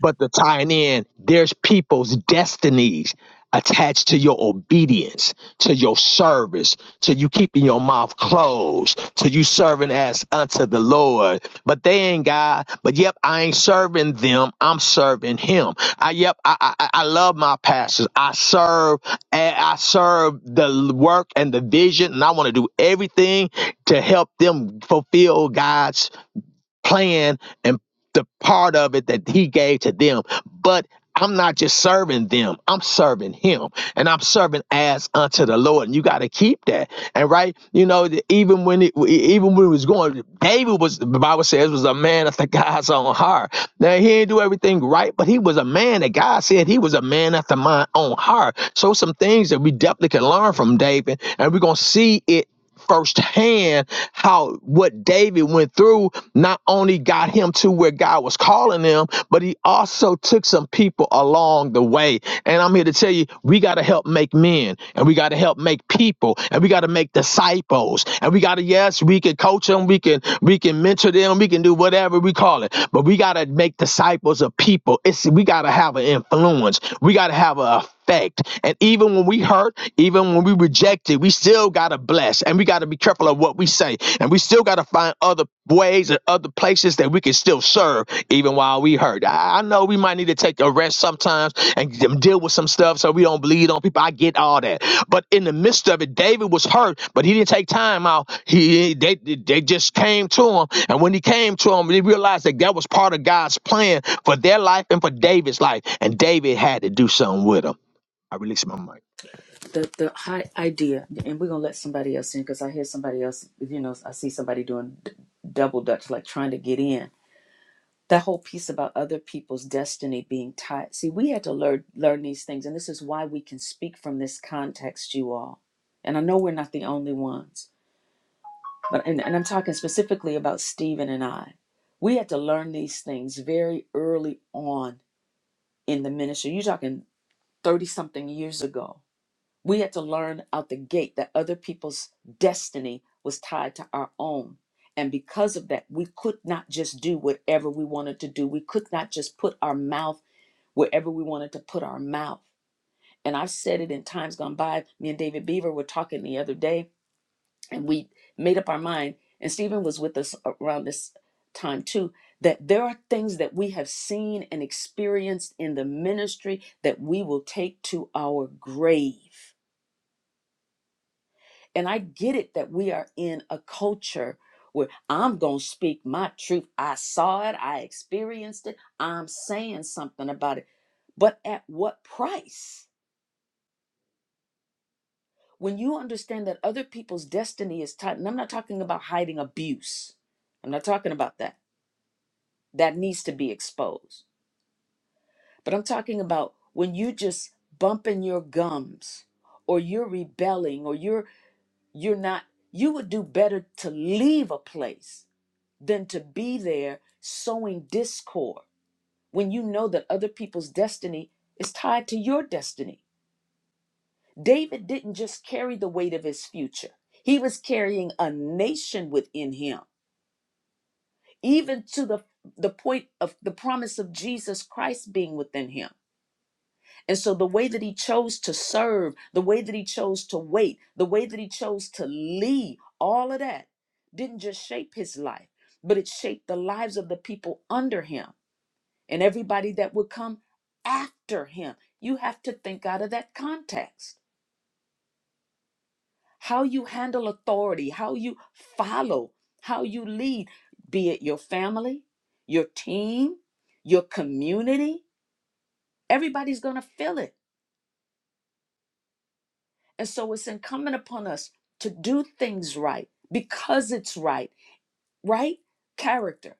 Speaker 8: But the tying in, there's people's destinies attached to your obedience, to your service, to you keeping your mouth closed, to you serving as unto the Lord. But they ain't God. But yep, I ain't serving them. I'm serving Him. I yep, I I, I love my pastors. I serve. and I serve the work and the vision, and I want to do everything to help them fulfill God's plan and the part of it that he gave to them. But I'm not just serving them, I'm serving him. And I'm serving as unto the Lord. And you got to keep that. And right, you know, the- even when it even when it was going, David was the Bible says was a man after [LAUGHS] God's own heart. Now he didn't do everything right, but he was a man that God said he was a man after my own heart. So some things that we definitely can learn from David, and we're gonna see it firsthand how what David went through not only got him to where God was calling him, but he also took some people along the way. And I'm here to tell you, we got to help make men and we got to help make people and we got to make disciples and we got to, yes, we can coach them. We can, we can mentor them. We can do whatever we call it, but we got to make disciples of people. It's, we got to have an influence. We got to have a effect. And even when we hurt, even when we reject it, we still got to bless and we got to be careful of what we say. And we still got to find other ways and other places that we can still serve even while we hurt. I, I know we might need to take a rest sometimes and deal with some stuff so we don't bleed on people. I get all that. But in the midst of it, David was hurt, but he didn't take time out. He they they just came to him. And when he came to him, they realized that that was part of God's plan for their life and for David's life. And David had to do something with him. I release my mic.
Speaker 1: the the high idea, and we're gonna let somebody else in because I hear somebody else. You know, I see somebody doing d- double dutch, like trying to get in. That whole piece about other people's destiny being tied. See, we had to learn learn these things, and this is why we can speak from this context, you all. And I know we're not the only ones, but and, and I'm talking specifically about Stephen and I. We had to learn these things very early on in the ministry. You're talking thirty something years ago We had to learn out the gate that other people's destiny was tied to our own. And because of that, we could not just do whatever we wanted to do. We could not just put our mouth wherever we wanted to put our mouth. And I've said it in times gone by. Me and David Beaver were talking the other day, and we made up our mind. And Stephen was with us around this time too that there are things that we have seen and experienced in the ministry that we will take to our grave And I get it that we are in a culture where I'm going to speak my truth. I saw it, I experienced it, I'm saying something about it. But at what price? When you understand that other people's destiny is tied, and I'm not talking about hiding abuse, I'm not talking about that. That needs to be exposed. But I'm talking about when you just bumping your gums or you're rebelling or you're you're not you would do better to leave a place than to be there sowing discord when you know that other people's destiny is tied to your destiny. David didn't just carry the weight of his future, he was carrying a nation within him, even to the, the point of the promise of Jesus Christ being within him. And so, the way that he chose to serve, the way that he chose to wait, the way that he chose to lead, all of that didn't just shape his life, but it shaped the lives of the people under him. and everybody that would come after him. You have to think out of that context. How you handle authority, how you follow, how you lead, be it your family, your team, your community, everybody's going to feel it. And so it's incumbent upon us to do things right because it's right, right? Character.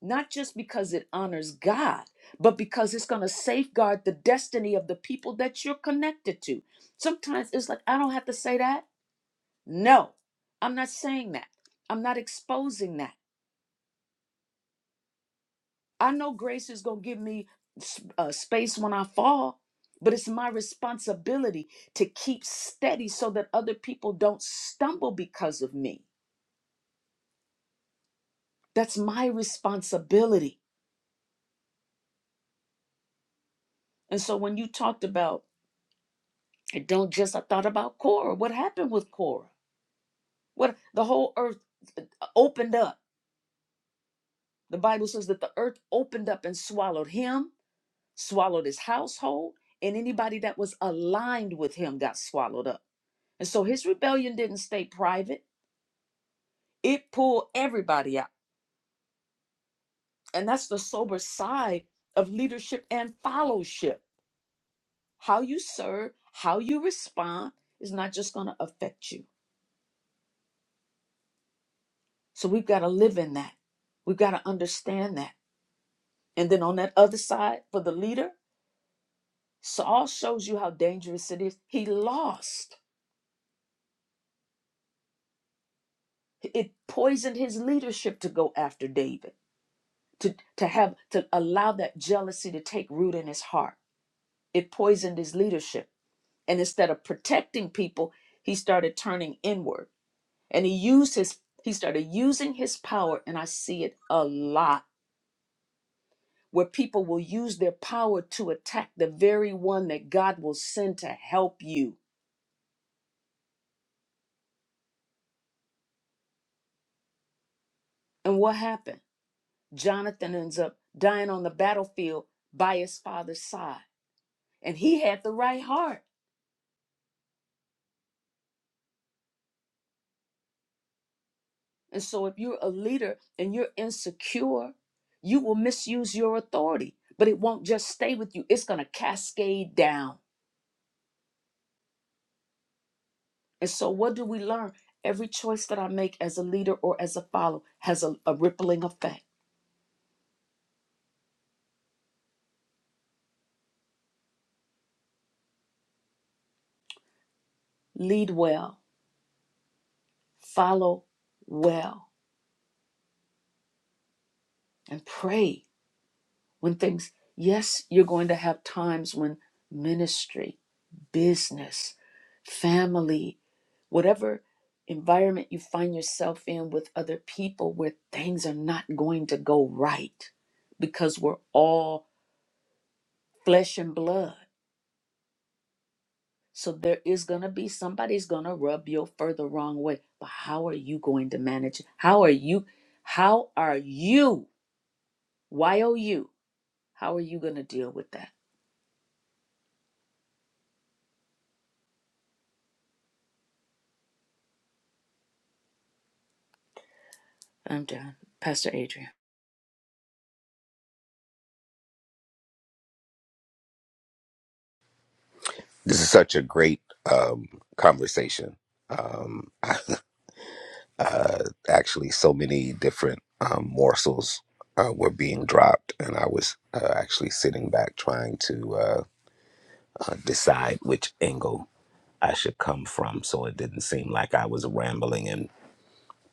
Speaker 1: not just because it honors God, but because it's going to safeguard the destiny of the people that you're connected to. Sometimes it's like, I don't have to say that. No, I'm not saying that. I'm not exposing that. I know grace is going to give me s- uh, space when I fall, but it's my responsibility to keep steady so that other people don't stumble because of me. That's my responsibility. And so when you talked about, it, don't just, I thought about Cora. What happened with Cora? What the whole earth uh, opened up. The Bible says that the earth opened up and swallowed him, swallowed his household, and anybody that was aligned with him got swallowed up. And so his rebellion didn't stay private, it pulled everybody out. And that's the sober side of leadership and fellowship. How you serve, how you respond is not just going to affect you. So we've got to live in that. We've got to understand that. And then on that other side, for the leader, Saul shows you how dangerous it is. He lost. It poisoned his leadership to go after David, to, to have to allow that jealousy to take root in his heart. It poisoned his leadership. And instead of protecting people, he started turning inward. And he used his he started using his power, and I see it a lot, where people will use their power to attack the very one that God will send to help you. And what happened? Jonathan ends up dying on the battlefield by his father's side. And he had the right heart. And so, if you're a leader and you're insecure, you will misuse your authority, but it won't just stay with you, it's going to cascade down. And so, what do we learn? Every choice that I make as a leader or as a follower has a, a rippling effect. Lead well, follow well, and pray when things, yes, you're going to have times when ministry business, family, whatever environment you find yourself in with other people where things are not going to go right because we're all flesh and blood. So there is going to be somebody's going to rub you further the wrong way. But how are you going to manage? it? How are you? How are you? Y O U. How are you going to deal with that? I'm done. Pastor Adrian.
Speaker 9: This is such a great um, conversation. Um, I- uh, actually, so many different um, morsels uh, were being dropped, and I was uh, actually sitting back trying to uh, uh, decide which angle I should come from, so it didn't seem like I was rambling and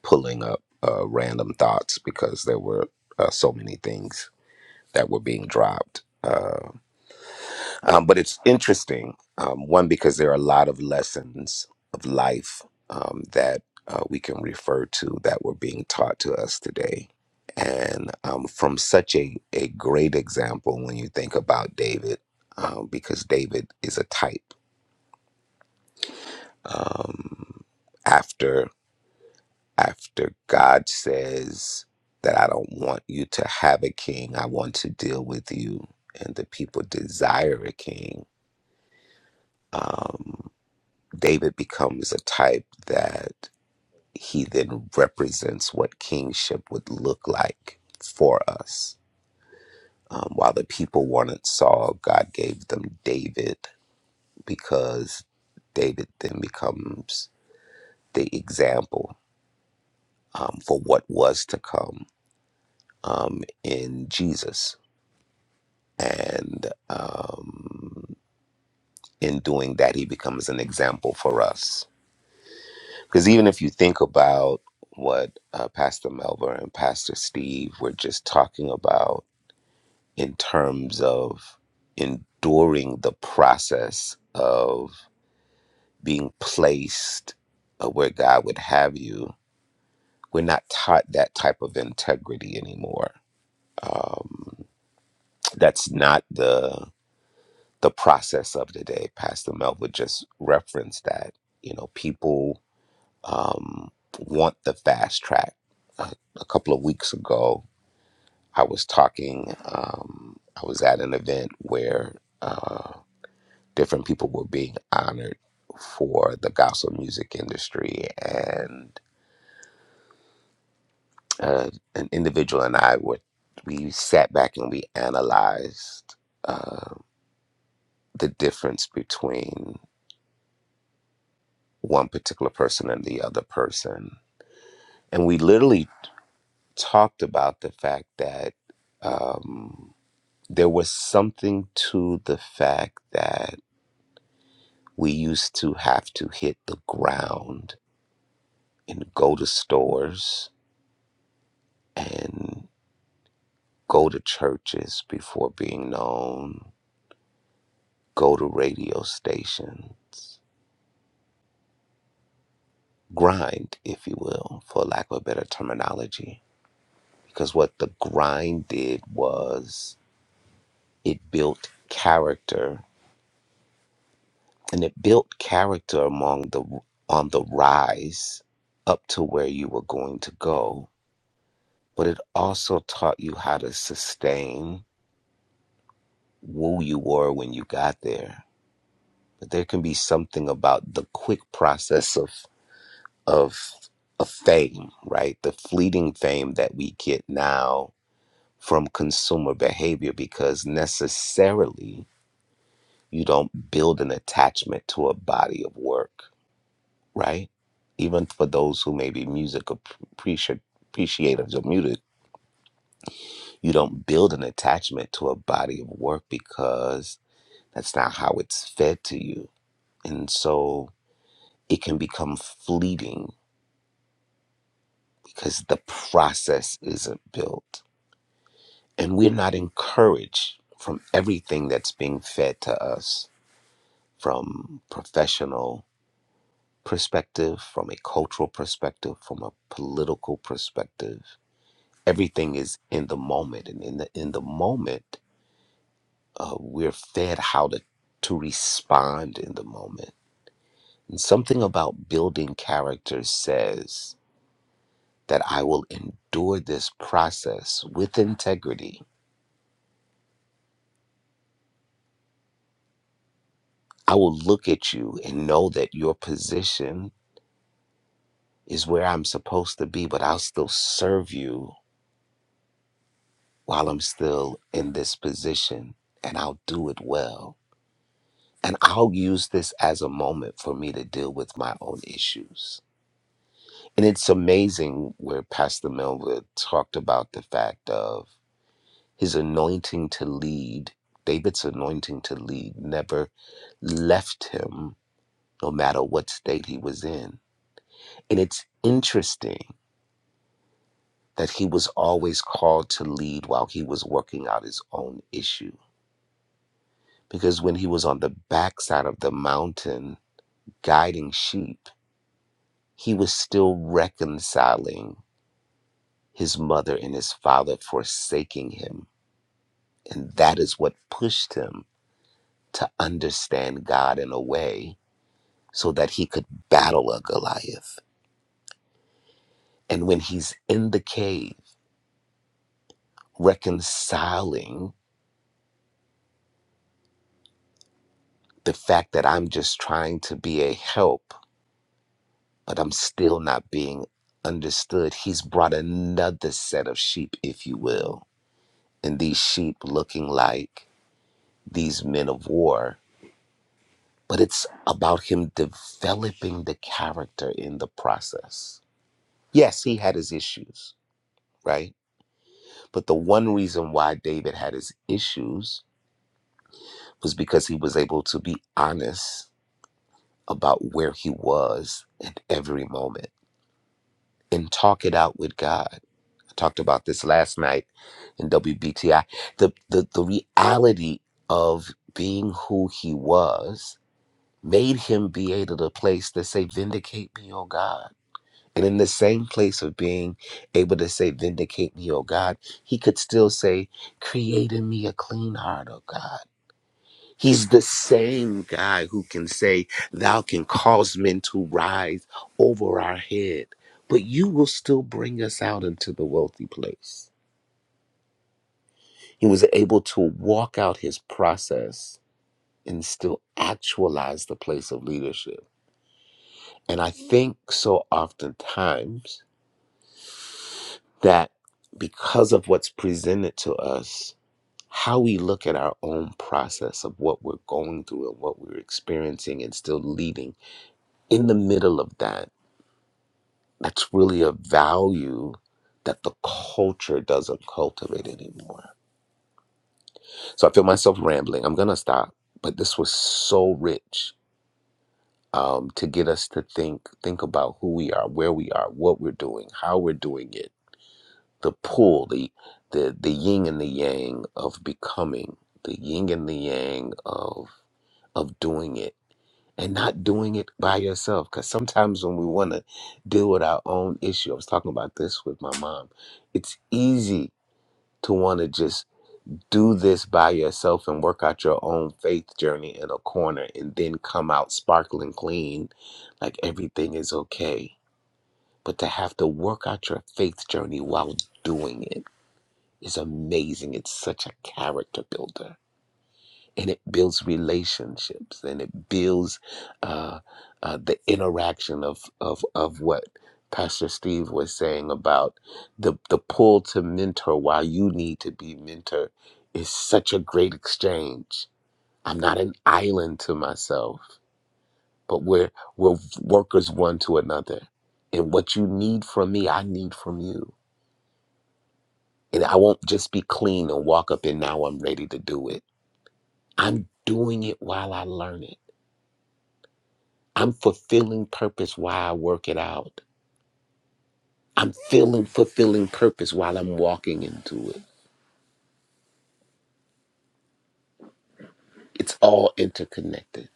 Speaker 9: pulling up uh, random thoughts because there were uh, so many things that were being dropped. Uh, Um, but it's interesting, um, one, because there are a lot of lessons of life um, that uh, we can refer to that were being taught to us today. And um, from such a, a great example when you think about David, um, because David is a type. Um, after after God says that I don't want you to have a king, I want to deal with you, and the people desire a king. Um, David becomes a type that he then represents what kingship would look like for us. Um, while the people wanted Saul, God gave them David because David then becomes the example um, for what was to come um, in Jesus. And um, in doing that, he becomes an example for us. Because even if you think about what uh, Pastor Melba and Pastor Steve were just talking about in terms of enduring the process of being placed uh, where God would have you, we're not taught that type of integrity anymore. Um, that's not the the process of today. Pastor Melba just referenced that. You know, people um, want the fast track. A, a couple of weeks ago, I was talking, um, I was at an event where uh, different people were being honored for the gospel music industry, and uh, an individual and I were, we sat back and we analyzed uh, the difference between one particular person and the other person. And we literally talked about the fact that. Um, there was something to the fact that we used to have to hit the ground and go to stores and go to churches before being known, go to radio stations, grind, if you will, for lack of a better terminology. Because what the grind did was it built character and it built character among the on the rise up to where you were going to go but it also taught you how to sustain who you were when you got there. But there can be something about the quick process of of of fame, right? The fleeting fame that we get now from consumer behavior because necessarily you don't build an attachment to a body of work, right? Even for those who may be music appreciative appreciatives or muted, you don't build an attachment to a body of work because That's not how it's fed to you. And so it can become fleeting because the process isn't built. And we're not encouraged from everything that's being fed to us from professional perspective, from a cultural perspective, from a political perspective. Everything is in the moment. And in the in the moment, uh, we're fed how to to respond in the moment. And something about building character says that I will endure this process with integrity. I will look at you and know that your position is where I'm supposed to be, but I'll still serve you while I'm still in this position and I'll do it well. And I'll use this as a moment for me to deal with my own issues. And it's amazing where Pastor Melville talked about the fact of his anointing to lead, David's anointing to lead, never left him no matter what state he was in. And it's interesting that he was always called to lead while he was working out his own issue. Because when he was on the backside of the mountain guiding sheep, he was still reconciling his mother and his father forsaking him. And that is what pushed him to understand God in a way so that he could battle a Goliath. And when he's in the cave reconciling the fact that I'm just trying to be a help, but I'm still not being understood. He's brought another set of sheep, if you will, and these sheep looking like these men of war. But it's about him developing the character in the process. Yes, he had his issues, right? But the one reason why David had his issues was because he was able to be honest about where he was at every moment and talk it out with God talked about this last night in WBTI. The the, the reality of being who he was made him be able to place to say, Vindicate me, O God. And in the same place of being able to say, Vindicate me, O God, he could still say, Create in me a clean heart, O God. He's the same guy who can say, Thou can cause men to rise over our head, but you will still bring us out into the wealthy place He was able to walk out his process and still actualize the place of leadership. And I think so oftentimes that because of what's presented to us, how we look at our own process of what we're going through and what we're experiencing and still leading, in the middle of that, that's really a value that the culture doesn't cultivate anymore. So I feel myself rambling. I'm going to stop, but this was so rich um, to get us to think think about who we are, where we are, what we're doing, how we're doing it. The pull, the the the yin and the yang of becoming, the yin and the yang of of doing it and not doing it by yourself. Because sometimes when we want to deal with our own issue, I was talking about this with my mom. It's easy to want to just do this by yourself and work out your own faith journey in a corner and then come out sparkling clean like everything is okay. But to have to work out your faith journey while doing it is amazing. It's such a character builder and it builds relationships and it builds uh, uh, the interaction of, of of what Pastor Steve was saying about the the pull to mentor while you need to be mentor is such a great exchange. I'm not an island to myself, but we're we're workers one to another. And what you need from me, I need from you. And I won't just be clean and walk up and now I'm ready to do it. I'm doing it while I learn it. I'm fulfilling purpose while I work it out. I'm feeling fulfilling purpose while I'm walking into it. It's all interconnected,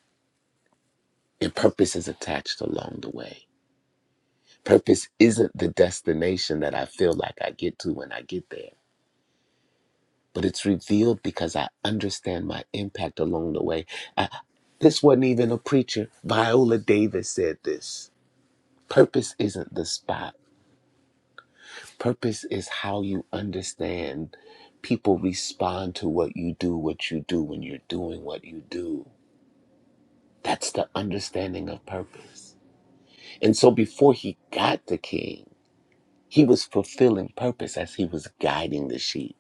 Speaker 9: and purpose is attached along the way. Purpose isn't the destination that I feel like I get to when I get there, but it's revealed because I understand my impact along the way. I, this wasn't even a preacher. Viola Davis said this. Purpose isn't the spot Purpose is how you understand people respond to what you do, what you do when you're doing what you do. That's the understanding of purpose. And so before he got the king, he was fulfilling purpose as he was guiding the sheep.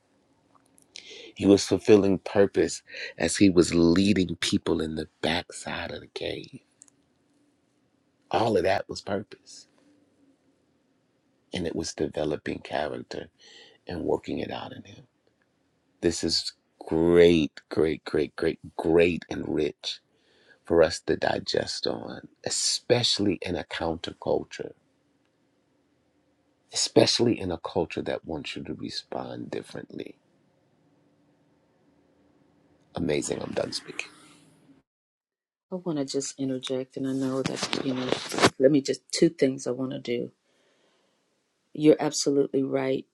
Speaker 9: He was fulfilling purpose as he was leading people in the backside of the cave. All of that was purpose. And it was developing character and working it out in him. This is great, great, great, great, great and rich for us to digest on, especially in a counterculture, especially in a culture that wants you to respond differently. Amazing. I'm done speaking.
Speaker 1: I want to just interject, and I know that, you know, let me just two things I want to do. You're absolutely right.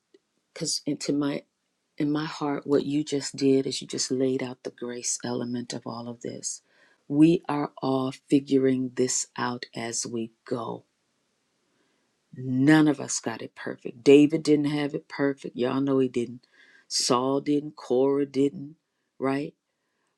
Speaker 1: Because into my in my heart, what you just did is you just laid out the grace element of all of this. We are all figuring this out as we go. None of us got it perfect. David didn't have it perfect. Y'all know he didn't. Saul didn't. Cora didn't. Right?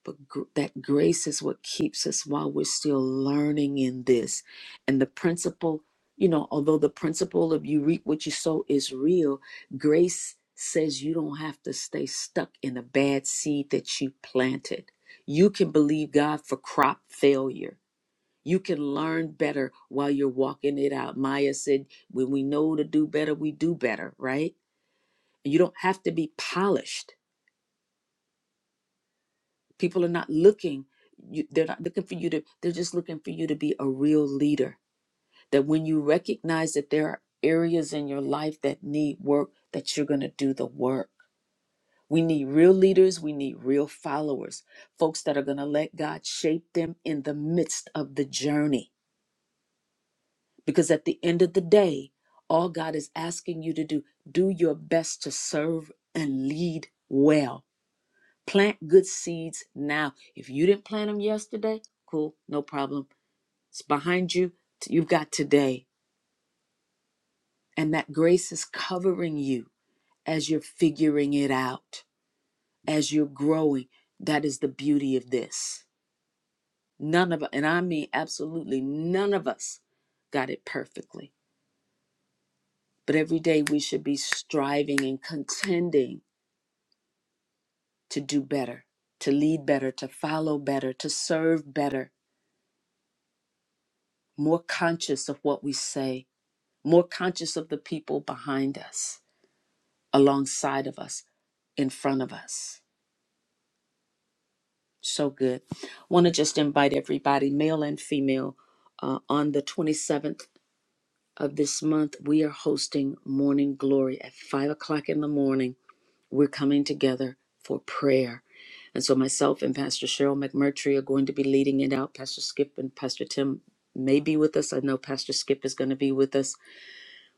Speaker 1: But gr- that grace is what keeps us while we're still learning in this. And the principle, you know, although the principle of you reap what you sow is real, grace says you don't have to stay stuck in a bad seed that you planted. You can believe God for crop failure. You can learn better while you're walking it out. Maya said, when we know to do better, we do better, right? And you don't have to be polished People are not looking, you, they're not looking for you to, they're just looking for you to be a real leader. That when you recognize that there are areas in your life that need work, that you're going to do the work. We need real leaders. We need real followers, folks that are going to let God shape them in the midst of the journey. Because at the end of the day, all God is asking you to do, do your best to serve and lead well Plant good seeds now. If you didn't plant them yesterday, cool, no problem. It's behind you. You've got today. And that grace is covering you as you're figuring it out, as you're growing. That is the beauty of this. None of, us, and I mean absolutely none of us got it perfectly. But every day we should be striving and contending to do better, to lead better, to follow better, to serve better, more conscious of what we say, more conscious of the people behind us, alongside of us, in front of us. So good. Want to just invite everybody, male and female, uh, on the 27th of this month, we are hosting Morning Glory at 5 o'clock in the morning. We're coming together for prayer. And so, myself and Pastor Cheryl McMurtry are going to be leading it out. Pastor Skip and Pastor Tim may be with us. I know Pastor Skip is going to be with us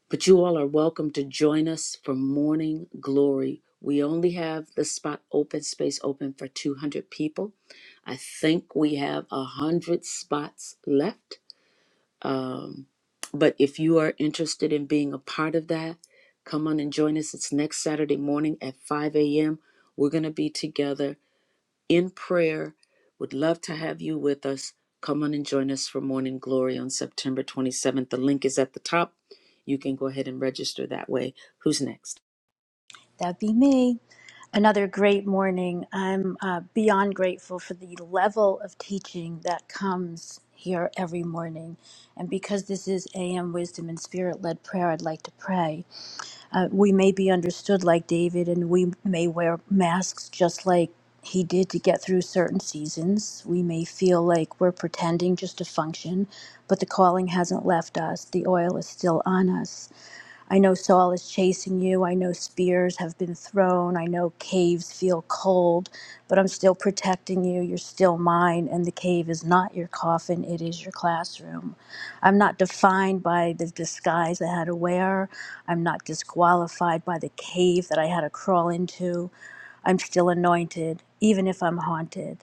Speaker 1: But you all are welcome to join us for morning glory. We only have the spot open, space open for 200 people. I think we have 100 spots left. Um, but if you are interested in being a part of that, come on and join us. It's next Saturday morning at 5 a.m. We're going to be together in prayer. Would love to have you with us. Come on and join us for Morning Glory on September 27th. The link is at the top. You can go ahead and register that way. Who's next?
Speaker 2: That'd be me. Another great morning. I'm uh, beyond grateful for the level of teaching that comes here every morning. And because this is AM wisdom and spirit led prayer, I'd like to pray. Uh, we may be understood like David, and we may wear masks just like he did to get through certain seasons. We may feel like we're pretending just to function, but the calling hasn't left us, the oil is still on us. I know Saul is chasing you. I know spears have been thrown. I know caves feel cold, but I'm still protecting you. You're still mine, and the cave is not your coffin, it is your classroom. I'm not defined by the disguise I had to wear. I'm not disqualified by the cave that I had to crawl into. I'm still anointed, even if I'm haunted.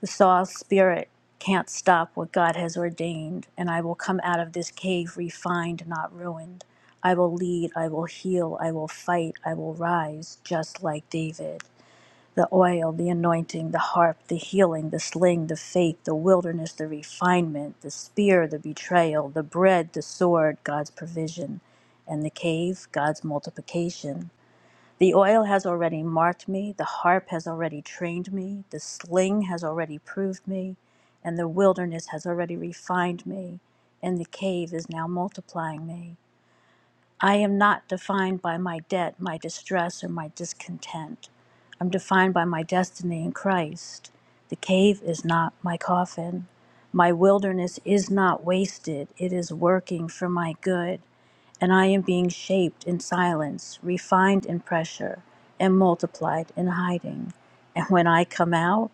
Speaker 2: The soil spirit can't stop what God has ordained, and I will come out of this cave refined, not ruined. I will lead, I will heal, I will fight, I will rise, just like David. The oil, the anointing, the harp, the healing, the sling, the faith, the wilderness, the refinement, the spear, the betrayal, the bread, the sword, God's provision, and the cave, God's multiplication. The oil has already marked me, the harp has already trained me, the sling has already proved me, and the wilderness has already refined me, and the cave is now multiplying me. I am not defined by my debt, my distress, or my discontent. I'm defined by my destiny in Christ. The cave is not my coffin. My wilderness is not wasted, it is working for my good and I am being shaped in silence, refined in pressure, and multiplied in hiding. And when I come out,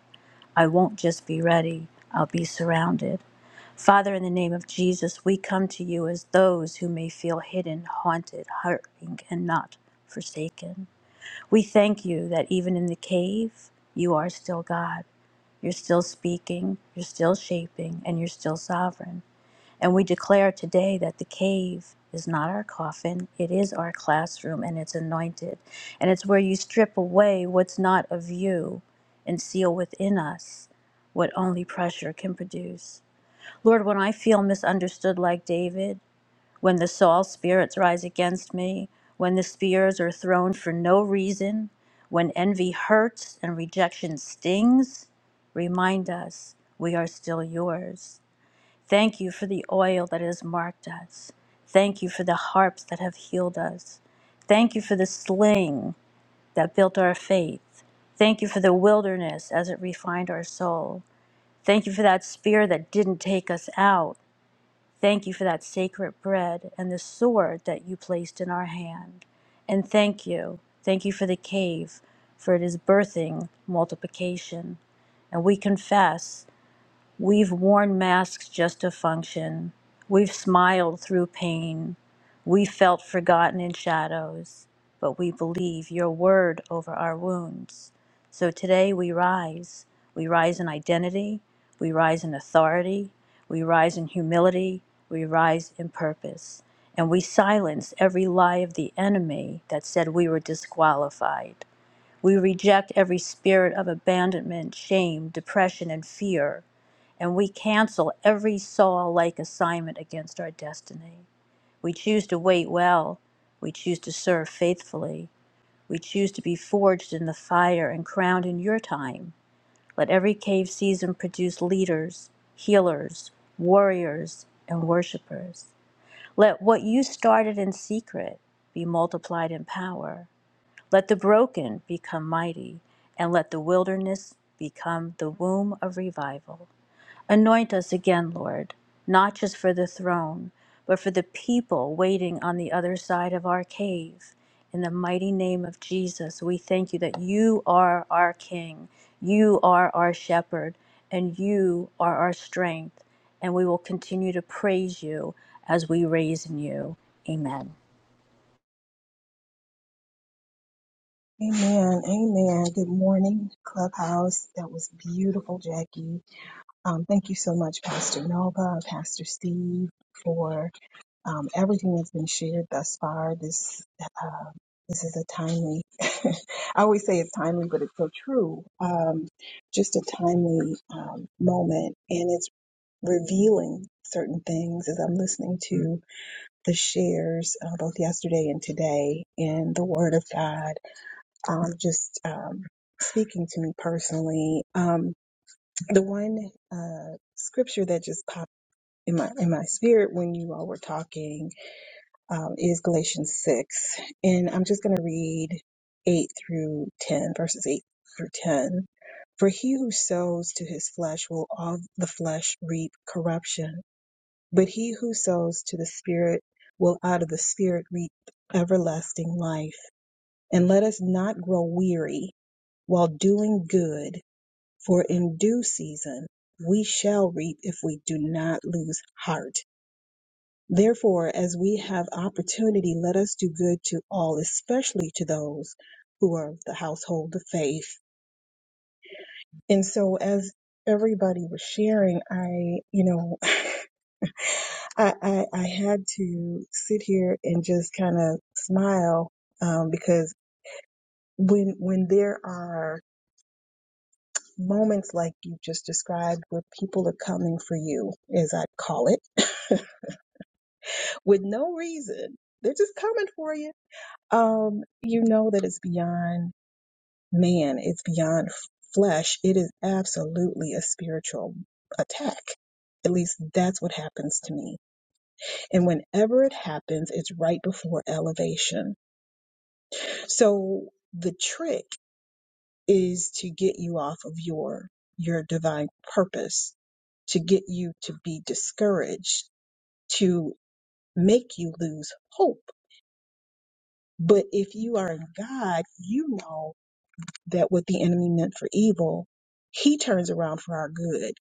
Speaker 2: I won't just be ready, I'll be surrounded. Father, in the name of Jesus, we come to you as those who may feel hidden, haunted, hurting, and not forsaken. We thank you that even in the cave, you are still God. You're still speaking, you're still shaping, and you're still sovereign. And we declare today that the cave is not our coffin, it is our classroom and it's anointed. And it's where you strip away what's not of you and seal within us what only pressure can produce. Lord, when I feel misunderstood like David, when the Saul spirits rise against me, when the spears are thrown for no reason, when envy hurts and rejection stings, remind us we are still yours. Thank you for the oil that has marked us. Thank you for the harps that have healed us. Thank you for the sling that built our faith. Thank you for the wilderness as it refined our soul. Thank you for that spear that didn't take us out. Thank you for that sacred bread and the sword that you placed in our hand. And thank you. Thank you for the cave, for it is birthing multiplication. And we confess We've worn masks just to function. We've smiled through pain. We felt forgotten in shadows, but we believe your word over our wounds. So today we rise. We rise in identity. We rise in authority. We rise in humility. We rise in purpose. And we silence every lie of the enemy that said we were disqualified. We reject every spirit of abandonment, shame, depression, and fear, and we cancel every Saul like assignment against our destiny. We choose to wait well. We choose to serve faithfully. We choose to be forged in the fire and crowned in your time. Let every cave season produce leaders, healers, warriors, and worshipers. Let what you started in secret be multiplied in power. Let the broken become mighty, and let the wilderness become the womb of revival. Anoint us again, Lord, not just for the throne, but for the people waiting on the other side of our cave. In the mighty name of Jesus, we thank you that you are our King, you are our shepherd, and you are our strength. And we will continue to praise you as we raise in you. Amen.
Speaker 6: Amen. Amen. Good morning, Clubhouse. That was beautiful, Jackie. Um, thank you so much, Pastor Nova, Pastor Steve, for um, everything that's been shared thus far. This uh, this is a timely. [LAUGHS] I always say it's timely, but it's so true. Um, just a timely um, moment, and it's revealing certain things as I'm listening to the shares uh, both yesterday and today, and the Word of God um, just um, speaking to me personally. Um, the one uh, scripture that just popped in my in my spirit when you all were talking um, is Galatians six, and I'm just going to read eight through ten, verses eight through ten. For he who sows to his flesh will of the flesh reap corruption, but he who sows to the Spirit will out of the Spirit reap everlasting life. And let us not grow weary while doing good, for in due season we shall reap if we do not lose heart. Therefore, as we have opportunity, let us do good to all, especially to those who are of the household of faith. And so, as everybody was sharing, I, you know, [LAUGHS] I, I, I had to sit here and just kind of smile um, because when when there are moments like you just described where people are coming for you, as I call it, [LAUGHS] with no reason. They're just coming for you. Um, you know that it's beyond man, it's beyond f- flesh. It is absolutely a spiritual attack. At least that's what happens to me. And whenever it happens, it's right before elevation. So the trick is to get you off of your your divine purpose to get you to be discouraged, to make you lose hope. But if you are in God, you know that what the enemy meant for evil, he turns around for our good.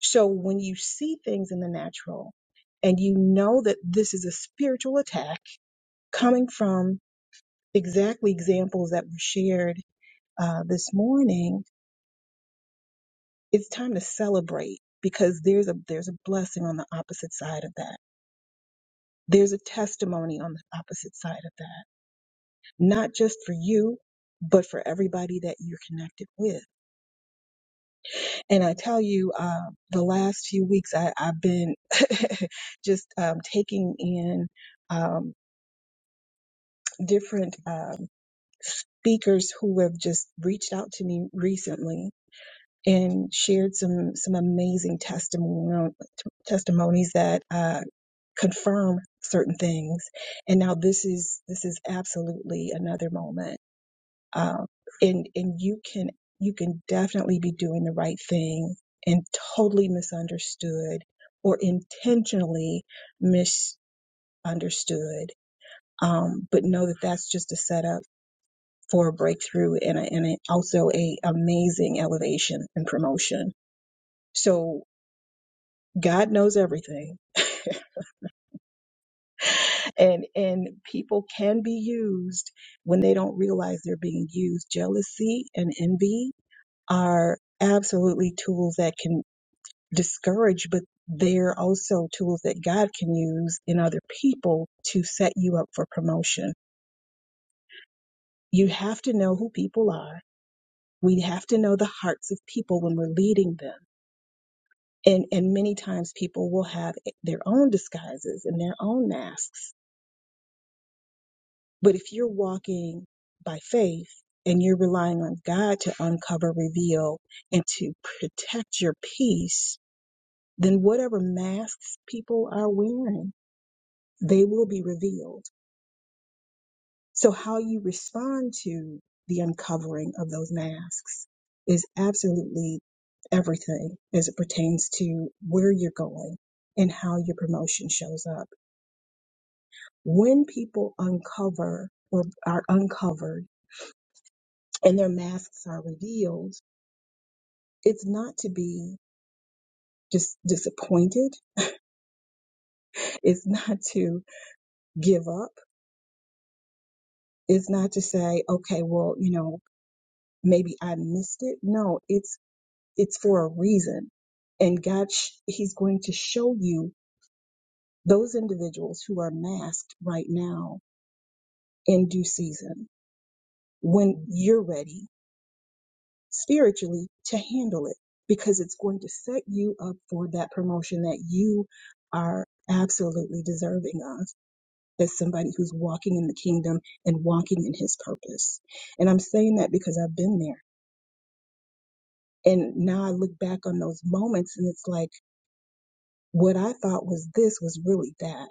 Speaker 6: So when you see things in the natural and you know that this is a spiritual attack coming from exactly examples that were shared uh, this morning, it's time to celebrate because there's a there's a blessing on the opposite side of that There's a testimony on the opposite side of that, not just for you, but for everybody that you're connected with. And I tell you, uh, the last few weeks I, I've been [LAUGHS] just um, taking in um, different um, speakers who have just reached out to me recently and shared some some amazing testimon- testimonies that uh, confirm certain things. And now this is this is absolutely another moment um, and and you can you can definitely be doing the right thing and totally misunderstood or intentionally misunderstood um, but know that that's just a setup for a breakthrough and, a, and a, also a amazing elevation and promotion so god knows everything [LAUGHS] and and people can be used when they don't realize they're being used jealousy and envy are absolutely tools that can discourage, but they're also tools that God can use in other people to set you up for promotion. You have to know who people are. We have to know the hearts of people when we're leading them. And, and many times people will have their own disguises and their own masks. But if you're walking by faith and you're relying on God to uncover, reveal, and to protect your peace, then whatever masks people are wearing, they will be revealed. So, how you respond to the uncovering of those masks is absolutely everything as it pertains to where you're going and how your promotion shows up. When people uncover or are uncovered and their masks are revealed, it's not to be just disappointed. It's [LAUGHS] not to give up. It's not to say, okay, well, you know, maybe I missed it. No, it's it's for a reason. And God sh- he's going to show you those individuals who are masked right now in due season when you're ready spiritually to handle it because it's going to set you up for that promotion that you are absolutely deserving of as somebody who's walking in the kingdom and walking in his purpose. And I'm saying that because I've been there. And now I look back on those moments and it's like what I thought was this was really that.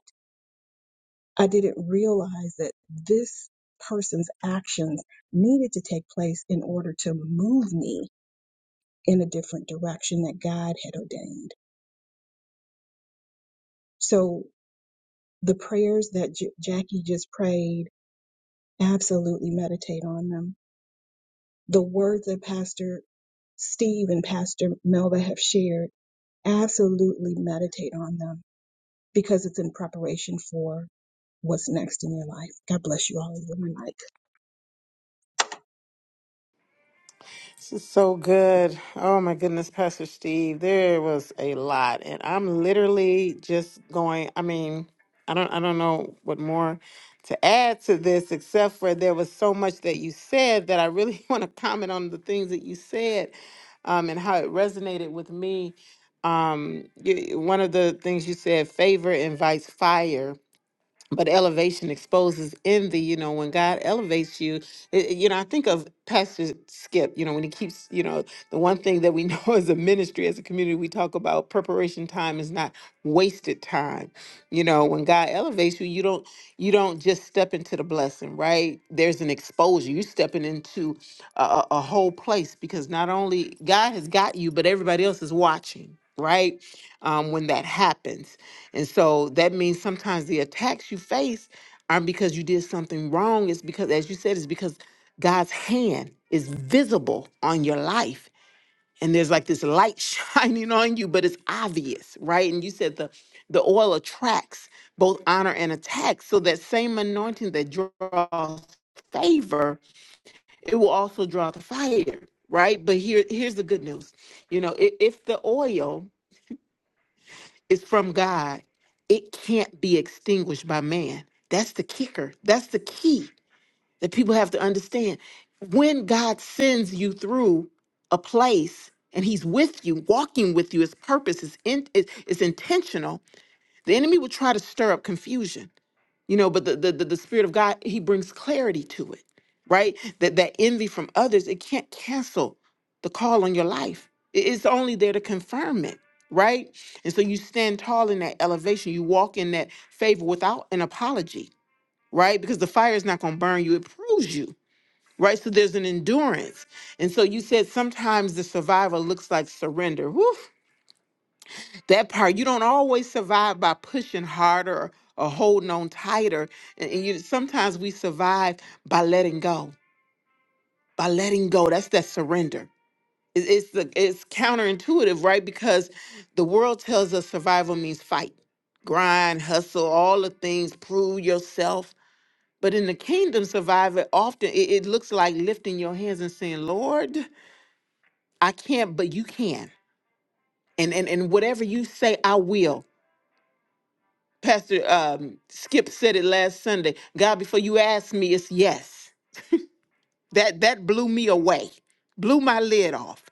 Speaker 6: I didn't realize that this person's actions needed to take place in order to move me in a different direction that God had ordained. So the prayers that J- Jackie just prayed, absolutely meditate on them. The words that Pastor Steve and Pastor Melva have shared, absolutely meditate on them because it's in preparation for what's next in your life. God bless you all. In your life.
Speaker 3: This is so good. Oh my goodness, Pastor Steve, there was a lot, and I'm literally just going. I mean, I don't, I don't know what more to add to this, except for there was so much that you said that I really [LAUGHS] want to comment on the things that you said, um, and how it resonated with me. Um, y- one of the things you said, favor invites fire but elevation exposes envy you know when god elevates you it- it- you know i think of pastor skip you know when he keeps you know the one thing that we know [LAUGHS] as a ministry as a community we talk about preparation time is not wasted time you know when god elevates you you don't you don't just step into the blessing right there's an exposure you are stepping into a, a a whole place because not only god has got you but everybody else is watching right um, when that happens and so that means sometimes the attacks you face aren't because you did something wrong. It's because, as you said, it's because God's hand is visible on your life. And there's like this light [LAUGHS] shining on you, but it's obvious, right? And you said the the oil attracts both honor and attacks. So that same anointing that draws favor, it will also draw the fire, right? But here here's the good news. You know, i- if the oil it's from God. It can't be extinguished by man. That's the kicker. That's the key that people have to understand. When God sends you through a place and he's with you, walking with you, his purpose is, in, is, is intentional, the enemy will try to stir up confusion you know but the, the the the spirit of god he brings clarity to it right that that envy from others it can't cancel the call on your life I- it's only there to confirm it right and so you stand tall in that elevation you walk in that favor without an apology right because the fire is not going to burn you it proves you right so there's an endurance and so you said sometimes the survival looks like surrender Whew, that part you don't always survive by pushing harder or holding on tighter and, and you sometimes we survive by letting go by letting go that's that surrender It- it's the it's counterintuitive right because the world tells us survival means fight grind hustle all the things prove yourself but in the kingdom survival often it, it looks like lifting your hands and saying lord i can't but you can and and, and whatever you say i will Pastor um, Skip said it last Sunday. God, before you ask me, it's yes. That that blew me away, blew my lid off,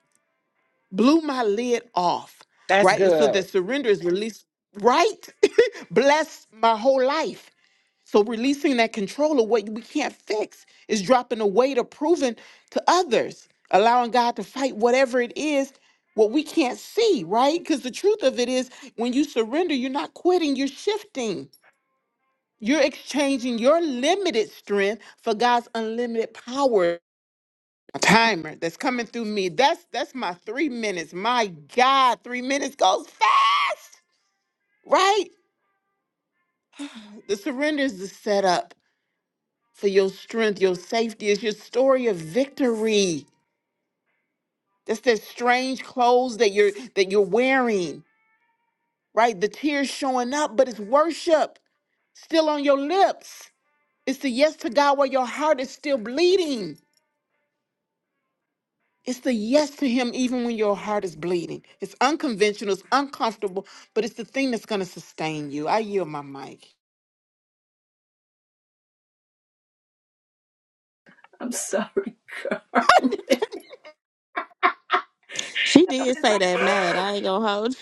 Speaker 3: blew my lid off.
Speaker 10: That's
Speaker 3: Right, and so the
Speaker 10: good.
Speaker 3: surrender is released. Right, [LAUGHS] bless my whole life. So releasing that control of what we can't fix is dropping the weight of proving to others, allowing God to fight whatever it is what we can't see. Right, because the truth of it is, when you surrender, you're not quitting, you're shifting you're exchanging your limited strength for God's unlimited power. A timer that's coming through me. That's that's my three minutes. My God, three minutes goes fast, right? The surrender is the setup for your strength. Your safety is your story of victory. That's that strange clothes that you're that you're wearing, right? The tears showing up, but it's worship still on your lips. It's the yes to God where your heart is still bleeding. It's the yes to him even when your heart is bleeding. It's unconventional, it's uncomfortable, but it's the thing that's going to sustain you. I yield my mic.
Speaker 7: She did say that mad. I ain't gonna hold.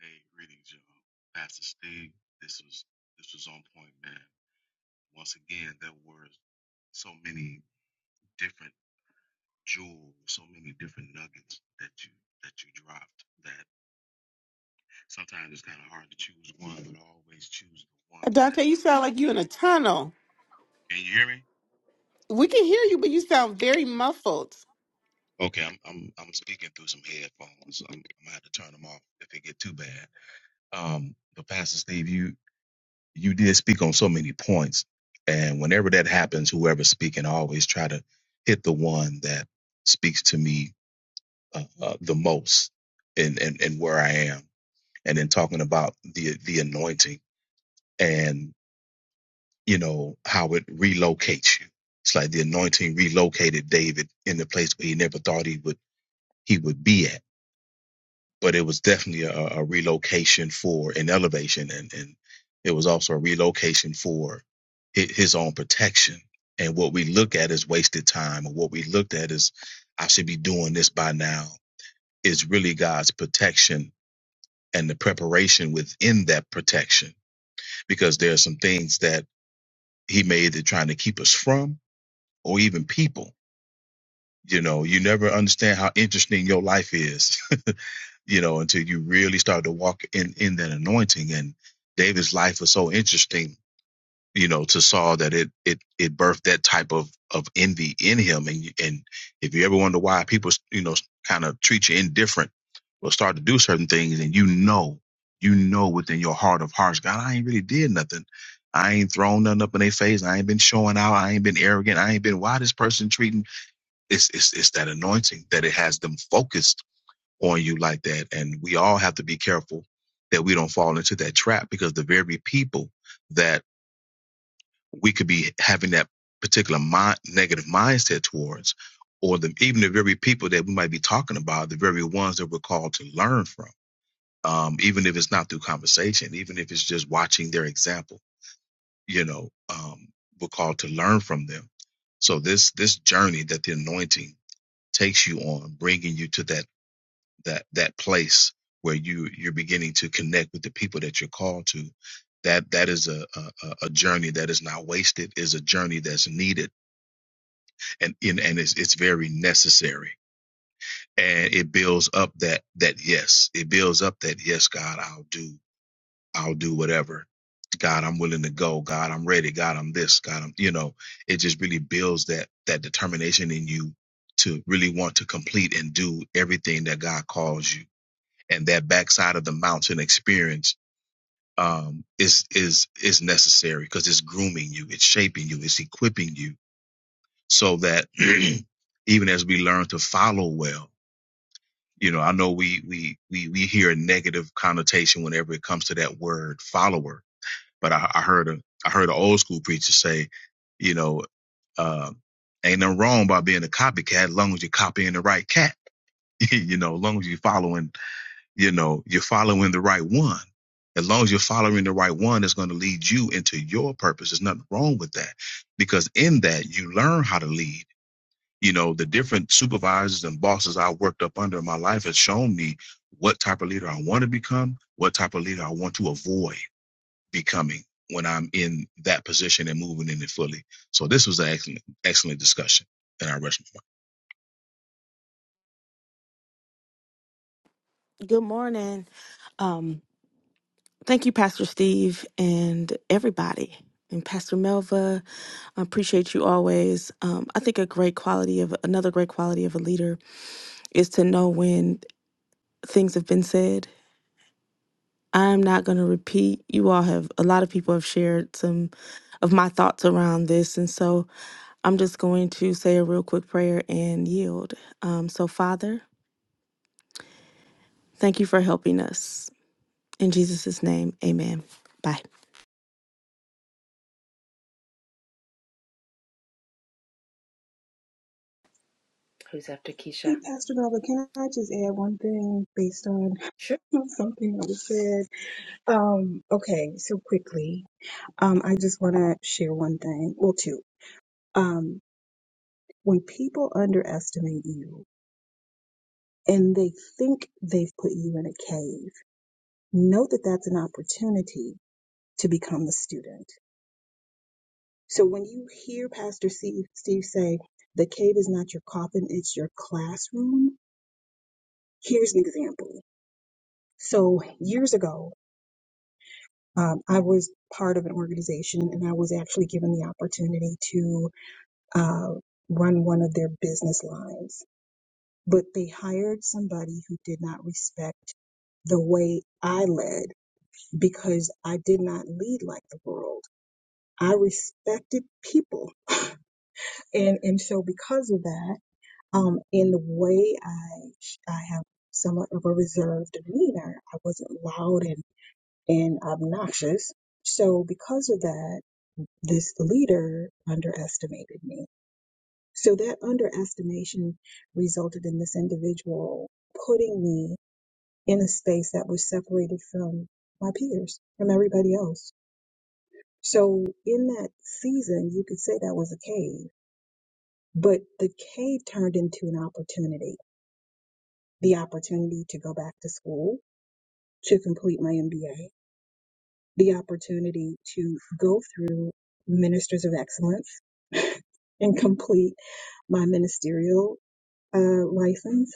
Speaker 11: Hey, greetings, y'all. Pastor Steve, this was this was on point, man. Once again, there were so many different jewels, so many different nuggets that you that you dropped that sometimes it's kind of hard to choose one, but I always choose the one that.
Speaker 3: Dante, you sound like you in a tunnel.
Speaker 11: Can you hear me?
Speaker 3: We can hear you, but you sound very muffled.
Speaker 11: Okay, I'm I'm I'm speaking through some headphones. I'm, I'm gonna have to turn them off if it get too bad. Um, but Pastor Steve, you you did speak on so many points. And whenever that happens, whoever's speaking, I always try to hit the one that speaks to me uh, uh, the most and, and, and where I am. And then talking about the, the anointing and, you know, how it relocates you. It's like the anointing relocated David in the place where he never thought he would, he would be at but it was definitely a, a relocation for an elevation and, and it was also a relocation for his own protection and what we look at is wasted time or what we looked at is i should be doing this by now is really god's protection and the preparation within that protection because there are some things that he made that trying to keep us from or even people you know you never understand how interesting your life is you know, until you really start to walk in in that anointing. And David's life was so interesting, you know, to Saul that it it it birthed that type of of envy in him. And and if you ever wonder why people, you know, kind of treat you indifferent or start to do certain things, and you know, you know within your heart of hearts, God, I ain't really did nothing. I ain't thrown nothing up in their face. I ain't been showing out. I ain't been arrogant. I ain't been why this person treating. It's it's it's that anointing that it has them focused on you like that. And we all have to be careful that we don't fall into that trap because the very people that we could be having that particular mind, negative mindset towards, or the, even the very people that we might be talking about, the very ones that we're called to learn from, um, even if it's not through conversation, even if it's just watching their example, you know, um, we're called to learn from them. So this this journey that the anointing takes you on, bringing you to that that that place where you you're beginning to connect with the people that you're called to that that is a a, a journey that is not wasted is a journey that's needed and and, and it's, it's very necessary and it builds up that that yes it builds up that yes god i'll do i'll do whatever god i'm willing to go god i'm ready god i'm this god i'm you know it just really builds that that determination in you to really want to complete and do everything that god calls you and that backside of the mountain experience um, is is is necessary because it's grooming you, it's shaping you, it's equipping you, so that [CLEARS THROAT] even as we learn to follow well, you know, I know we we we we hear a negative connotation whenever it comes to that word follower, but I, I heard a I heard an old school preacher say, you know, uh, ain't nothing wrong by being a copycat, as long as you're copying the right cat, [LAUGHS] you know, as long as you're following you know, you're following the right one. As long as you're following the right one, it's going to lead you into your purpose. There's nothing wrong with that because in that you learn how to lead. You know, the different supervisors and bosses I worked up under in my life has shown me what type of leader I want to become, what type of leader I want to avoid becoming when I'm in that position and moving in it fully. So this was an excellent, excellent discussion in our restaurant.
Speaker 7: you. Good morning. Um, thank you, Pastor Steve, and everybody, and Pastor Melva. I appreciate you always. Um, I think a great quality of another great quality of a leader is to know when things have been said. I'm not gonna repeat. You all have a lot of people have shared some of my thoughts around this, and so I'm just going to say a real quick prayer and yield. Um, so, Father, thank you for helping us. In Jesus' name, amen. Bye.
Speaker 1: Who's after Keisha?
Speaker 6: Hey, Pastor Melba, can I just add one thing based on [LAUGHS] something that was said? Um, okay, so quickly, um, I just want to share one thing. Well, two. Um, when people underestimate you and they think they've put you in a cave, know that that's an opportunity to become a student. So when you hear Pastor Steve, Steve say, the cave is not your coffin, it's your classroom, here's an example. So years ago, Um, I was part of an organization and I was actually given the opportunity to uh, run one of their business lines, but they hired somebody who did not respect the way I led because I did not lead like the world. I respected people. And, and so because of that, um, in the way I, I have somewhat of a reserved demeanor, I wasn't loud and, and obnoxious. So because of that, this leader underestimated me. So that underestimation resulted in this individual putting me in a space that was separated from my peers, from everybody else. So in that season, you could say that was a cave, but the cave turned into an opportunity. The opportunity to go back to school, to complete my MBA, the opportunity to go through ministers of excellence [LAUGHS] and complete my ministerial uh, license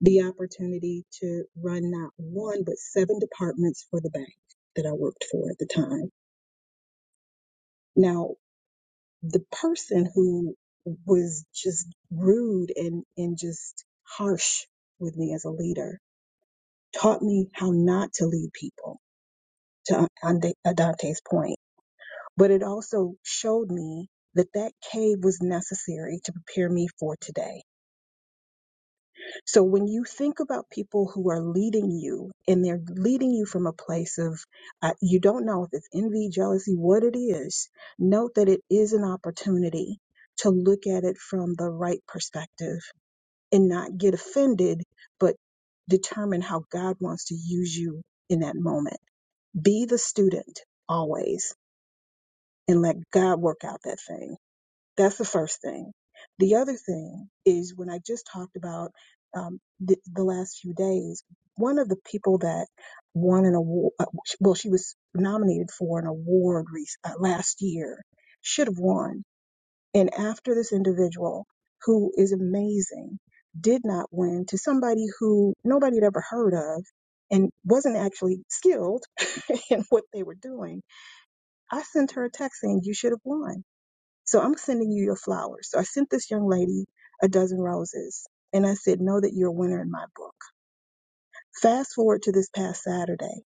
Speaker 6: the opportunity to run not one, but seven departments for the bank that I worked for at the time. Now, the person who was just rude and, and just harsh with me as a leader taught me how not to lead people, to Ande- Adante's point. But it also showed me that that cave was necessary to prepare me for today So when you think about people who are leading you and they're leading you from a place of uh, you don't know if it's envy, jealousy, what it is, note that it is an opportunity to look at it from the right perspective and not get offended, but determine how God wants to use you in that moment. Be the student always and let God work out that thing. That's the first thing. The other thing is when I just talked about um, the, the last few days, one of the people that won an award, uh, sh- well, she was nominated for an award rec- uh, last year, should have won. And after this individual, who is amazing, did not win to somebody who nobody had ever heard of and wasn't actually skilled [LAUGHS] in what they were doing, I sent her a text saying, You should have won so I'm sending you your flowers. So I sent this young lady a dozen roses and I said, Know that you're a winner in my book. Fast forward to this past Saturday,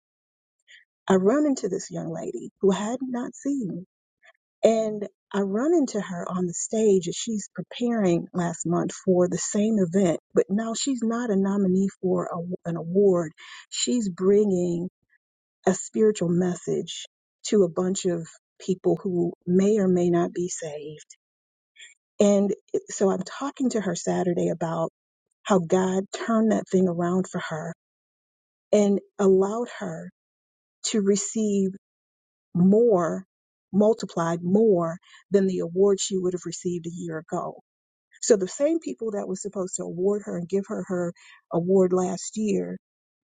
Speaker 6: I run into this young lady who I had not seen. And I run into her on the stage as she's preparing last month for the same event, but now she's not a nominee for a, an award. She's bringing a spiritual message to a bunch of people who may or may not be saved And it- so I'm talking to her Saturday about how God turned that thing around for her and allowed her to receive more, multiplied more than the award she would have received a year ago. So the same people that was supposed to award her and give her her award last year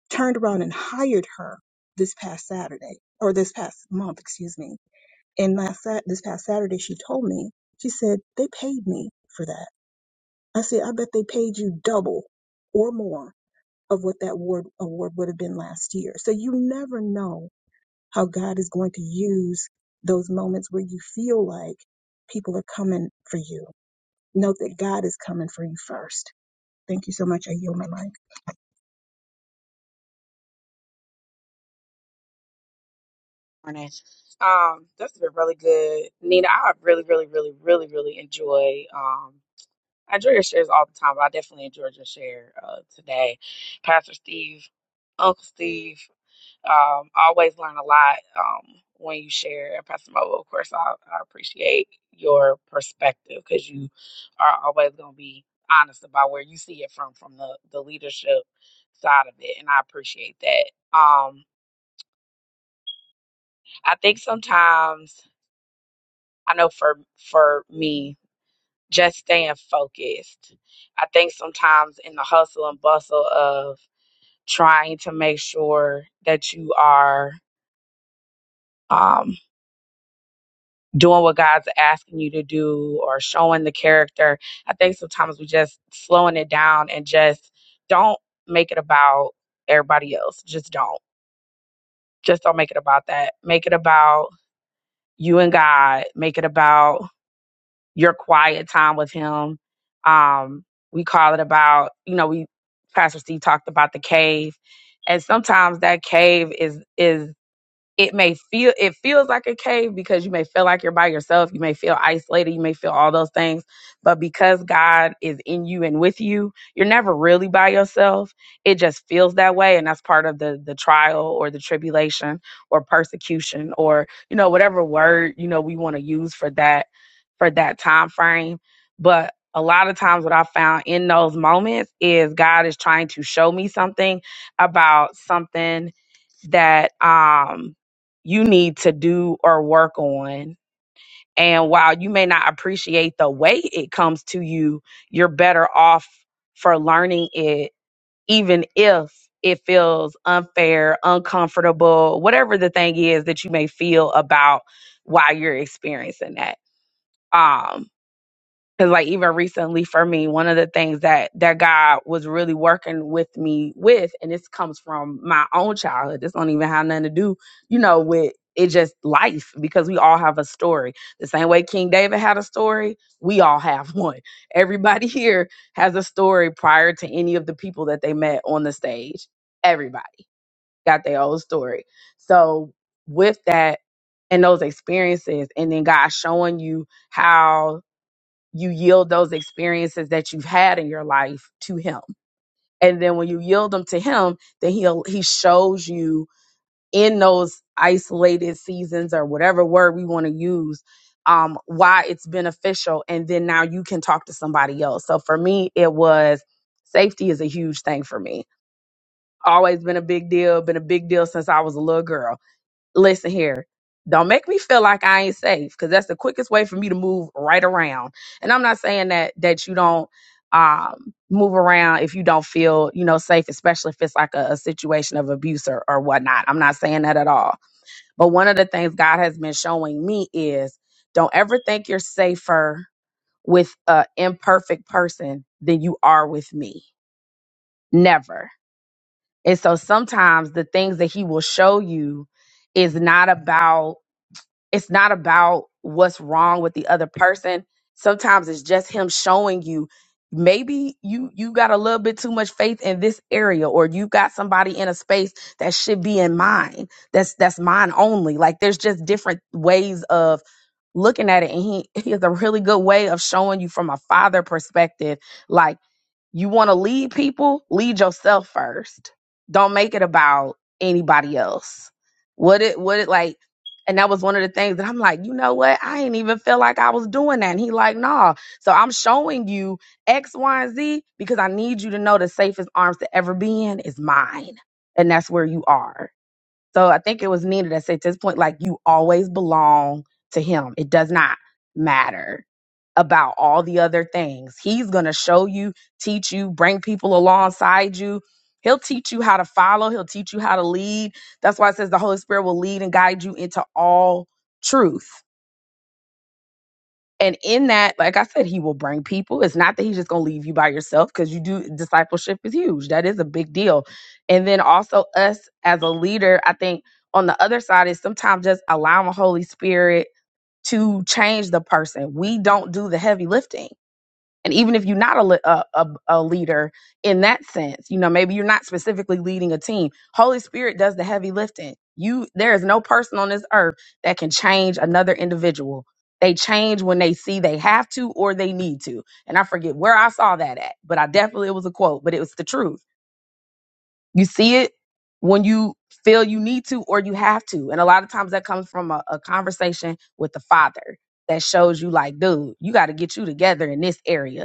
Speaker 6: turned around and hired her this past Saturday or this past month, excuse me. And last Sat- this past Saturday, she told me, she said, they paid me for that. I said, I bet they paid you double or more of what that award, award would have been last year. So you never know how God is going to use those moments where you feel like people are coming for you. Note that God is coming for you first. Thank you so much. I yield my life.
Speaker 12: morning. Um, this has been really good, Nina. I really, really, really, really, really enjoy. Um, I enjoy your shares all the time. But I definitely enjoyed your share uh, today, Pastor Steve, Uncle Steve. Um, I always learn a lot um, when you share, and Pastor Mo. Of course, I, I appreciate your perspective because you are always going to be honest about where you see it from, from the the leadership side of it, and I appreciate that. Um, I think sometimes. I know for for me, just staying focused. I think sometimes in the hustle and bustle of trying to make sure that you are um, doing what God's asking you to do or showing the character, I think sometimes we just slowing it down and just don't make it about everybody else. Just don't. Just don't make it about that. Make it about you and God. Make it about your quiet time with him. Um, we call it about, you know, we Pastor Steve talked about the cave. And sometimes that cave is is it may feel it feels like a cave because you may feel like you're by yourself you may feel isolated you may feel all those things but because god is in you and with you you're never really by yourself it just feels that way and that's part of the the trial or the tribulation or persecution or you know whatever word you know we want to use for that for that time frame but a lot of times what i found in those moments is god is trying to show me something about something that um you need to do or work on. And while you may not appreciate the way it comes to you, you're better off for learning it, even if it feels unfair, uncomfortable, whatever the thing is that you may feel about why you're experiencing that. Um, Cause like even recently for me, one of the things that that God was really working with me with, and this comes from my own childhood. This don't even have nothing to do, you know, with it just life because we all have a story. The same way King David had a story, we all have [LAUGHS] one. Everybody here has a story prior to any of the people that they met on the stage. Everybody got their own story. So with that and those experiences, and then God showing you how you yield those experiences that you've had in your life to him and then when you yield them to him then he'll he shows you in those isolated seasons or whatever word we want to use um why it's beneficial and then now you can talk to somebody else so for me it was safety is a huge thing for me always been a big deal been a big deal since i was a little girl listen here. Don't make me feel like I ain't safe because that's the quickest way for me to move right around. And I'm not saying that that you don't um move around if you don't feel, you know, safe, especially if it's like a, a situation of abuse or, or whatnot. I'm not saying that at all. But one of the things God has been showing me is don't ever think you're safer with an imperfect person than you are with me. Never. And so sometimes the things that he will show you is not about it's not about what's wrong with the other person sometimes it's just him showing you maybe you you got a little bit too much faith in this area or you got somebody in a space that should be in mine that's that's mine only like there's just different ways of looking at it and he [LAUGHS] he has a really good way of showing you from a father perspective like. You want to lead people? Lead yourself first. Don't make it about anybody else. What it what it like and that was one of the things that I'm like, you know what? I ain't even feel like I was doing that. And he like, nah. So I'm showing you X, Y, and Z because I need you to know the safest arms to ever be in is mine. And that's where you are. So I think it was Nina that said to this point, like you always belong to him. It does not matter about all the other things. He's gonna show you, teach you, bring people alongside you. He'll teach you how to follow, he'll teach you how to lead. That's why it says the Holy Spirit will lead and guide you into all truth. And in that, like I said, he will bring people. It's not that he's just going to leave you by yourself because you do discipleship is huge. That is a big deal. And then also us as a leader, I think on the other side is sometimes just allowing the Holy Spirit to change the person. We don't do the heavy lifting and even if you're not a, li- a, a, a leader in that sense you know maybe you're not specifically leading a team holy spirit does the heavy lifting you there is no person on this earth that can change another individual they change when they see they have to or they need to and i forget where i saw that at but i definitely it was a quote but it was the truth you see it when you feel you need to or you have to and a lot of times that comes from a, a conversation with the father that shows you like dude you got to get you together in this area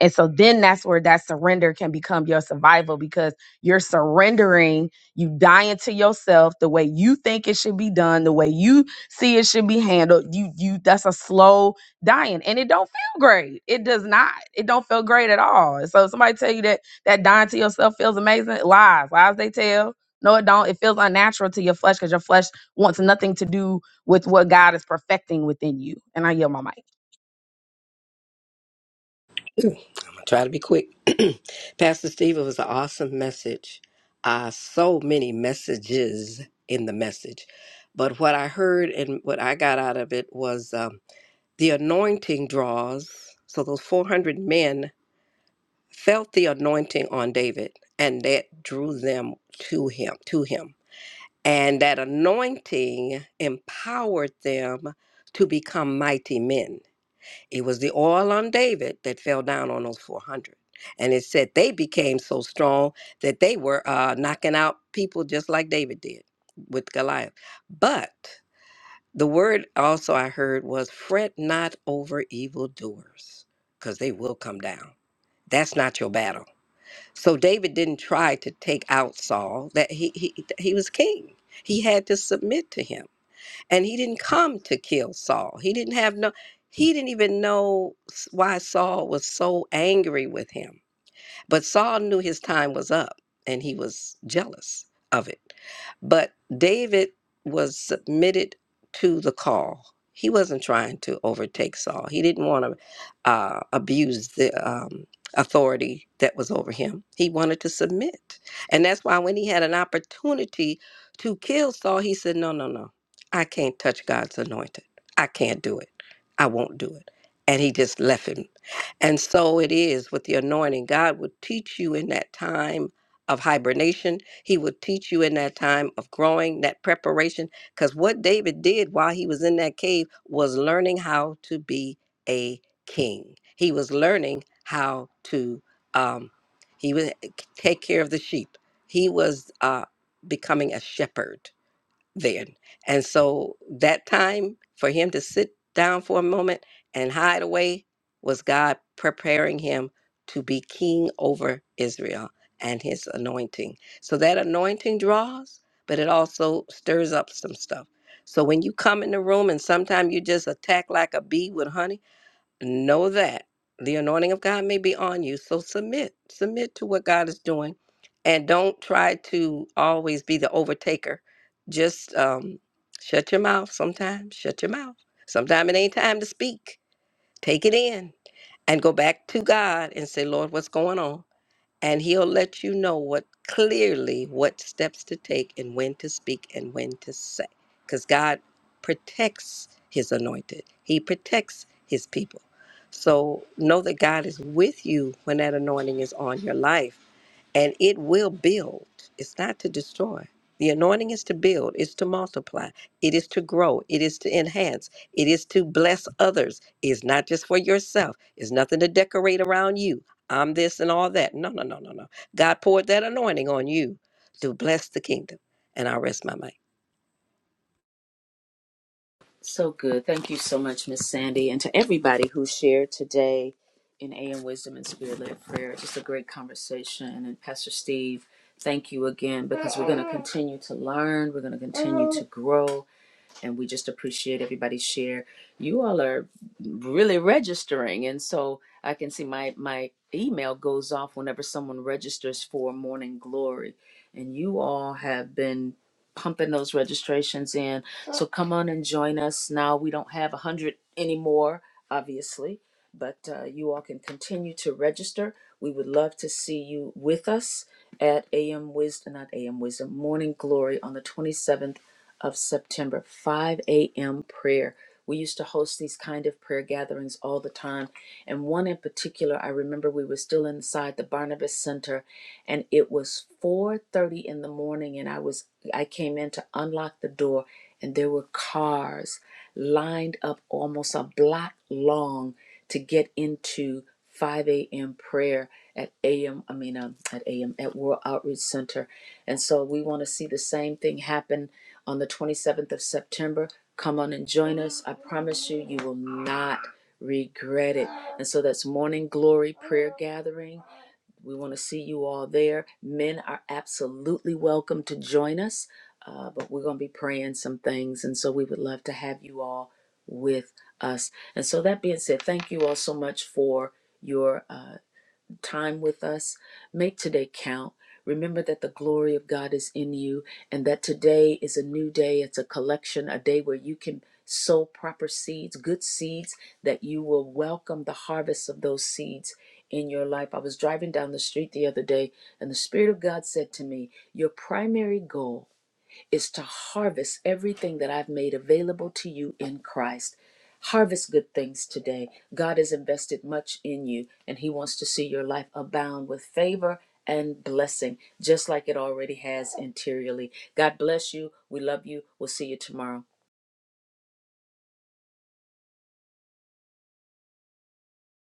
Speaker 12: and so then that's where that surrender can become your survival because you're surrendering, you dying to yourself the way you think it should be done, the way you see it should be handled. You you that's a slow dying and it don't feel great. It does not. It don't feel great at all. So if somebody tell you that that dying to yourself feels amazing, lies. Lies they tell. No, it don't. It feels unnatural to your flesh because your flesh wants nothing to do with what God is perfecting within you. And I yell my mic.
Speaker 4: Try to be quick. [CLEARS THROAT] Pastor Steve, it was an awesome message. Uh, so many messages in the message. But what I heard and what I got out of it was um, the anointing draws. So those 400 men felt the anointing on David, and that drew them to him, to him. And that anointing empowered them to become mighty men. It was the oil on David that fell down on those 400. And it said they became so strong that they were uh, knocking out people just like David did with Goliath. But the word also I heard was fret not over evildoers, because they will come down. That's not your battle. So David didn't try to take out Saul. That he he he was king. He had to submit to him. And he didn't come to kill Saul. He didn't have no, he didn't even know s- why Saul was so angry with him but Saul knew his time was up and he was jealous of it. But David was submitted to the call. He wasn't trying to overtake Saul. He didn't want to uh, abuse the um, authority that was over him. He wanted to submit. And that's why when he had an opportunity to kill Saul, he said, No, no, no. I can't touch God's anointed. I can't do it. I won't do it. And he just left him and so it is with the anointing. God will teach you in that time of hibernation. He will teach you in that time of growing, that preparation. Because what David did while he was in that cave was learning how to be a king. He was learning how to um, he would eh, take care of the sheep. He was uh, becoming a shepherd then. And so that time for him to sit down for a moment and hide away was God preparing him to be king over Israel and his anointing. So that anointing draws, but it also stirs up some stuff. So when you come in the room and sometimes you just attack like a bee with honey know that the anointing of God may be on you. So submit, submit to what God is doing, and don't try to always be the overtaker. Just um, shut your mouth sometimes. Shut your mouth. Sometimes it ain't time to speak. Take it in and go back to God and say, Lord, what's going on? and he'll let you know what clearly what steps to take and when to speak and when to say because god protects his anointed he protects his people so know that god is with you when that anointing is on your life and it will build it's not to destroy the anointing is to build it's to multiply it is to grow it is to enhance it is to bless others it's not just for yourself it's nothing to decorate around you I'm this and all that. No, no, no, no, no. God poured that anointing on you to bless the kingdom. And I rest my mind.
Speaker 1: So good. Thank you so much, Miss Sandy, and to everybody who shared today in AM Wisdom and Spirit led Prayer. Just a great conversation. And Pastor Steve, thank you again because we're going to continue to learn, we're going to continue to grow. and we just appreciate everybody's share. You all are really registering, and so I can see my my email goes off whenever someone registers for Morning Glory, and you all have been pumping those registrations in. So come on and join us now. We don't have a hundred anymore, obviously, but uh, you all can continue to register. We would love to see you with us at AM Wisdom, not AM Wisdom, Morning Glory on the 27th of September, 5 a.m. prayer. We used to host these kind of prayer gatherings all the time. And one in particular, I remember we were still inside the Barnabas Center and it was 4:30 in the morning and I was I came in to unlock the door and there were cars lined up almost a block long to get into 5 a.m. prayer at AM, I mean, um, at AM, at World Outreach Center. And so we want to see the same thing happen on the 27th of September. Come on and join us. I promise you, you will not regret it. And so that's morning glory prayer gathering. We want to see you all there. Men are absolutely welcome to join us, uh, but we're going to be praying some things. And so we would love to have you all with us. And so that being said, thank you all so much for your. Uh, time with us. Make today count. Remember that the glory of God is in you and that today is a new day. It's a collection, a day where you can sow proper seeds, good seeds, that you will welcome the harvest of those seeds in your life. I was driving down the street the other day and the Spirit of God said to me, Your primary goal is to harvest everything that I've made available to you in Christ. Harvest good things today. God has invested much in you, and He wants to see your life abound with favor and blessing, just like it already has interiorly. God bless you. We love you. We'll see you tomorrow.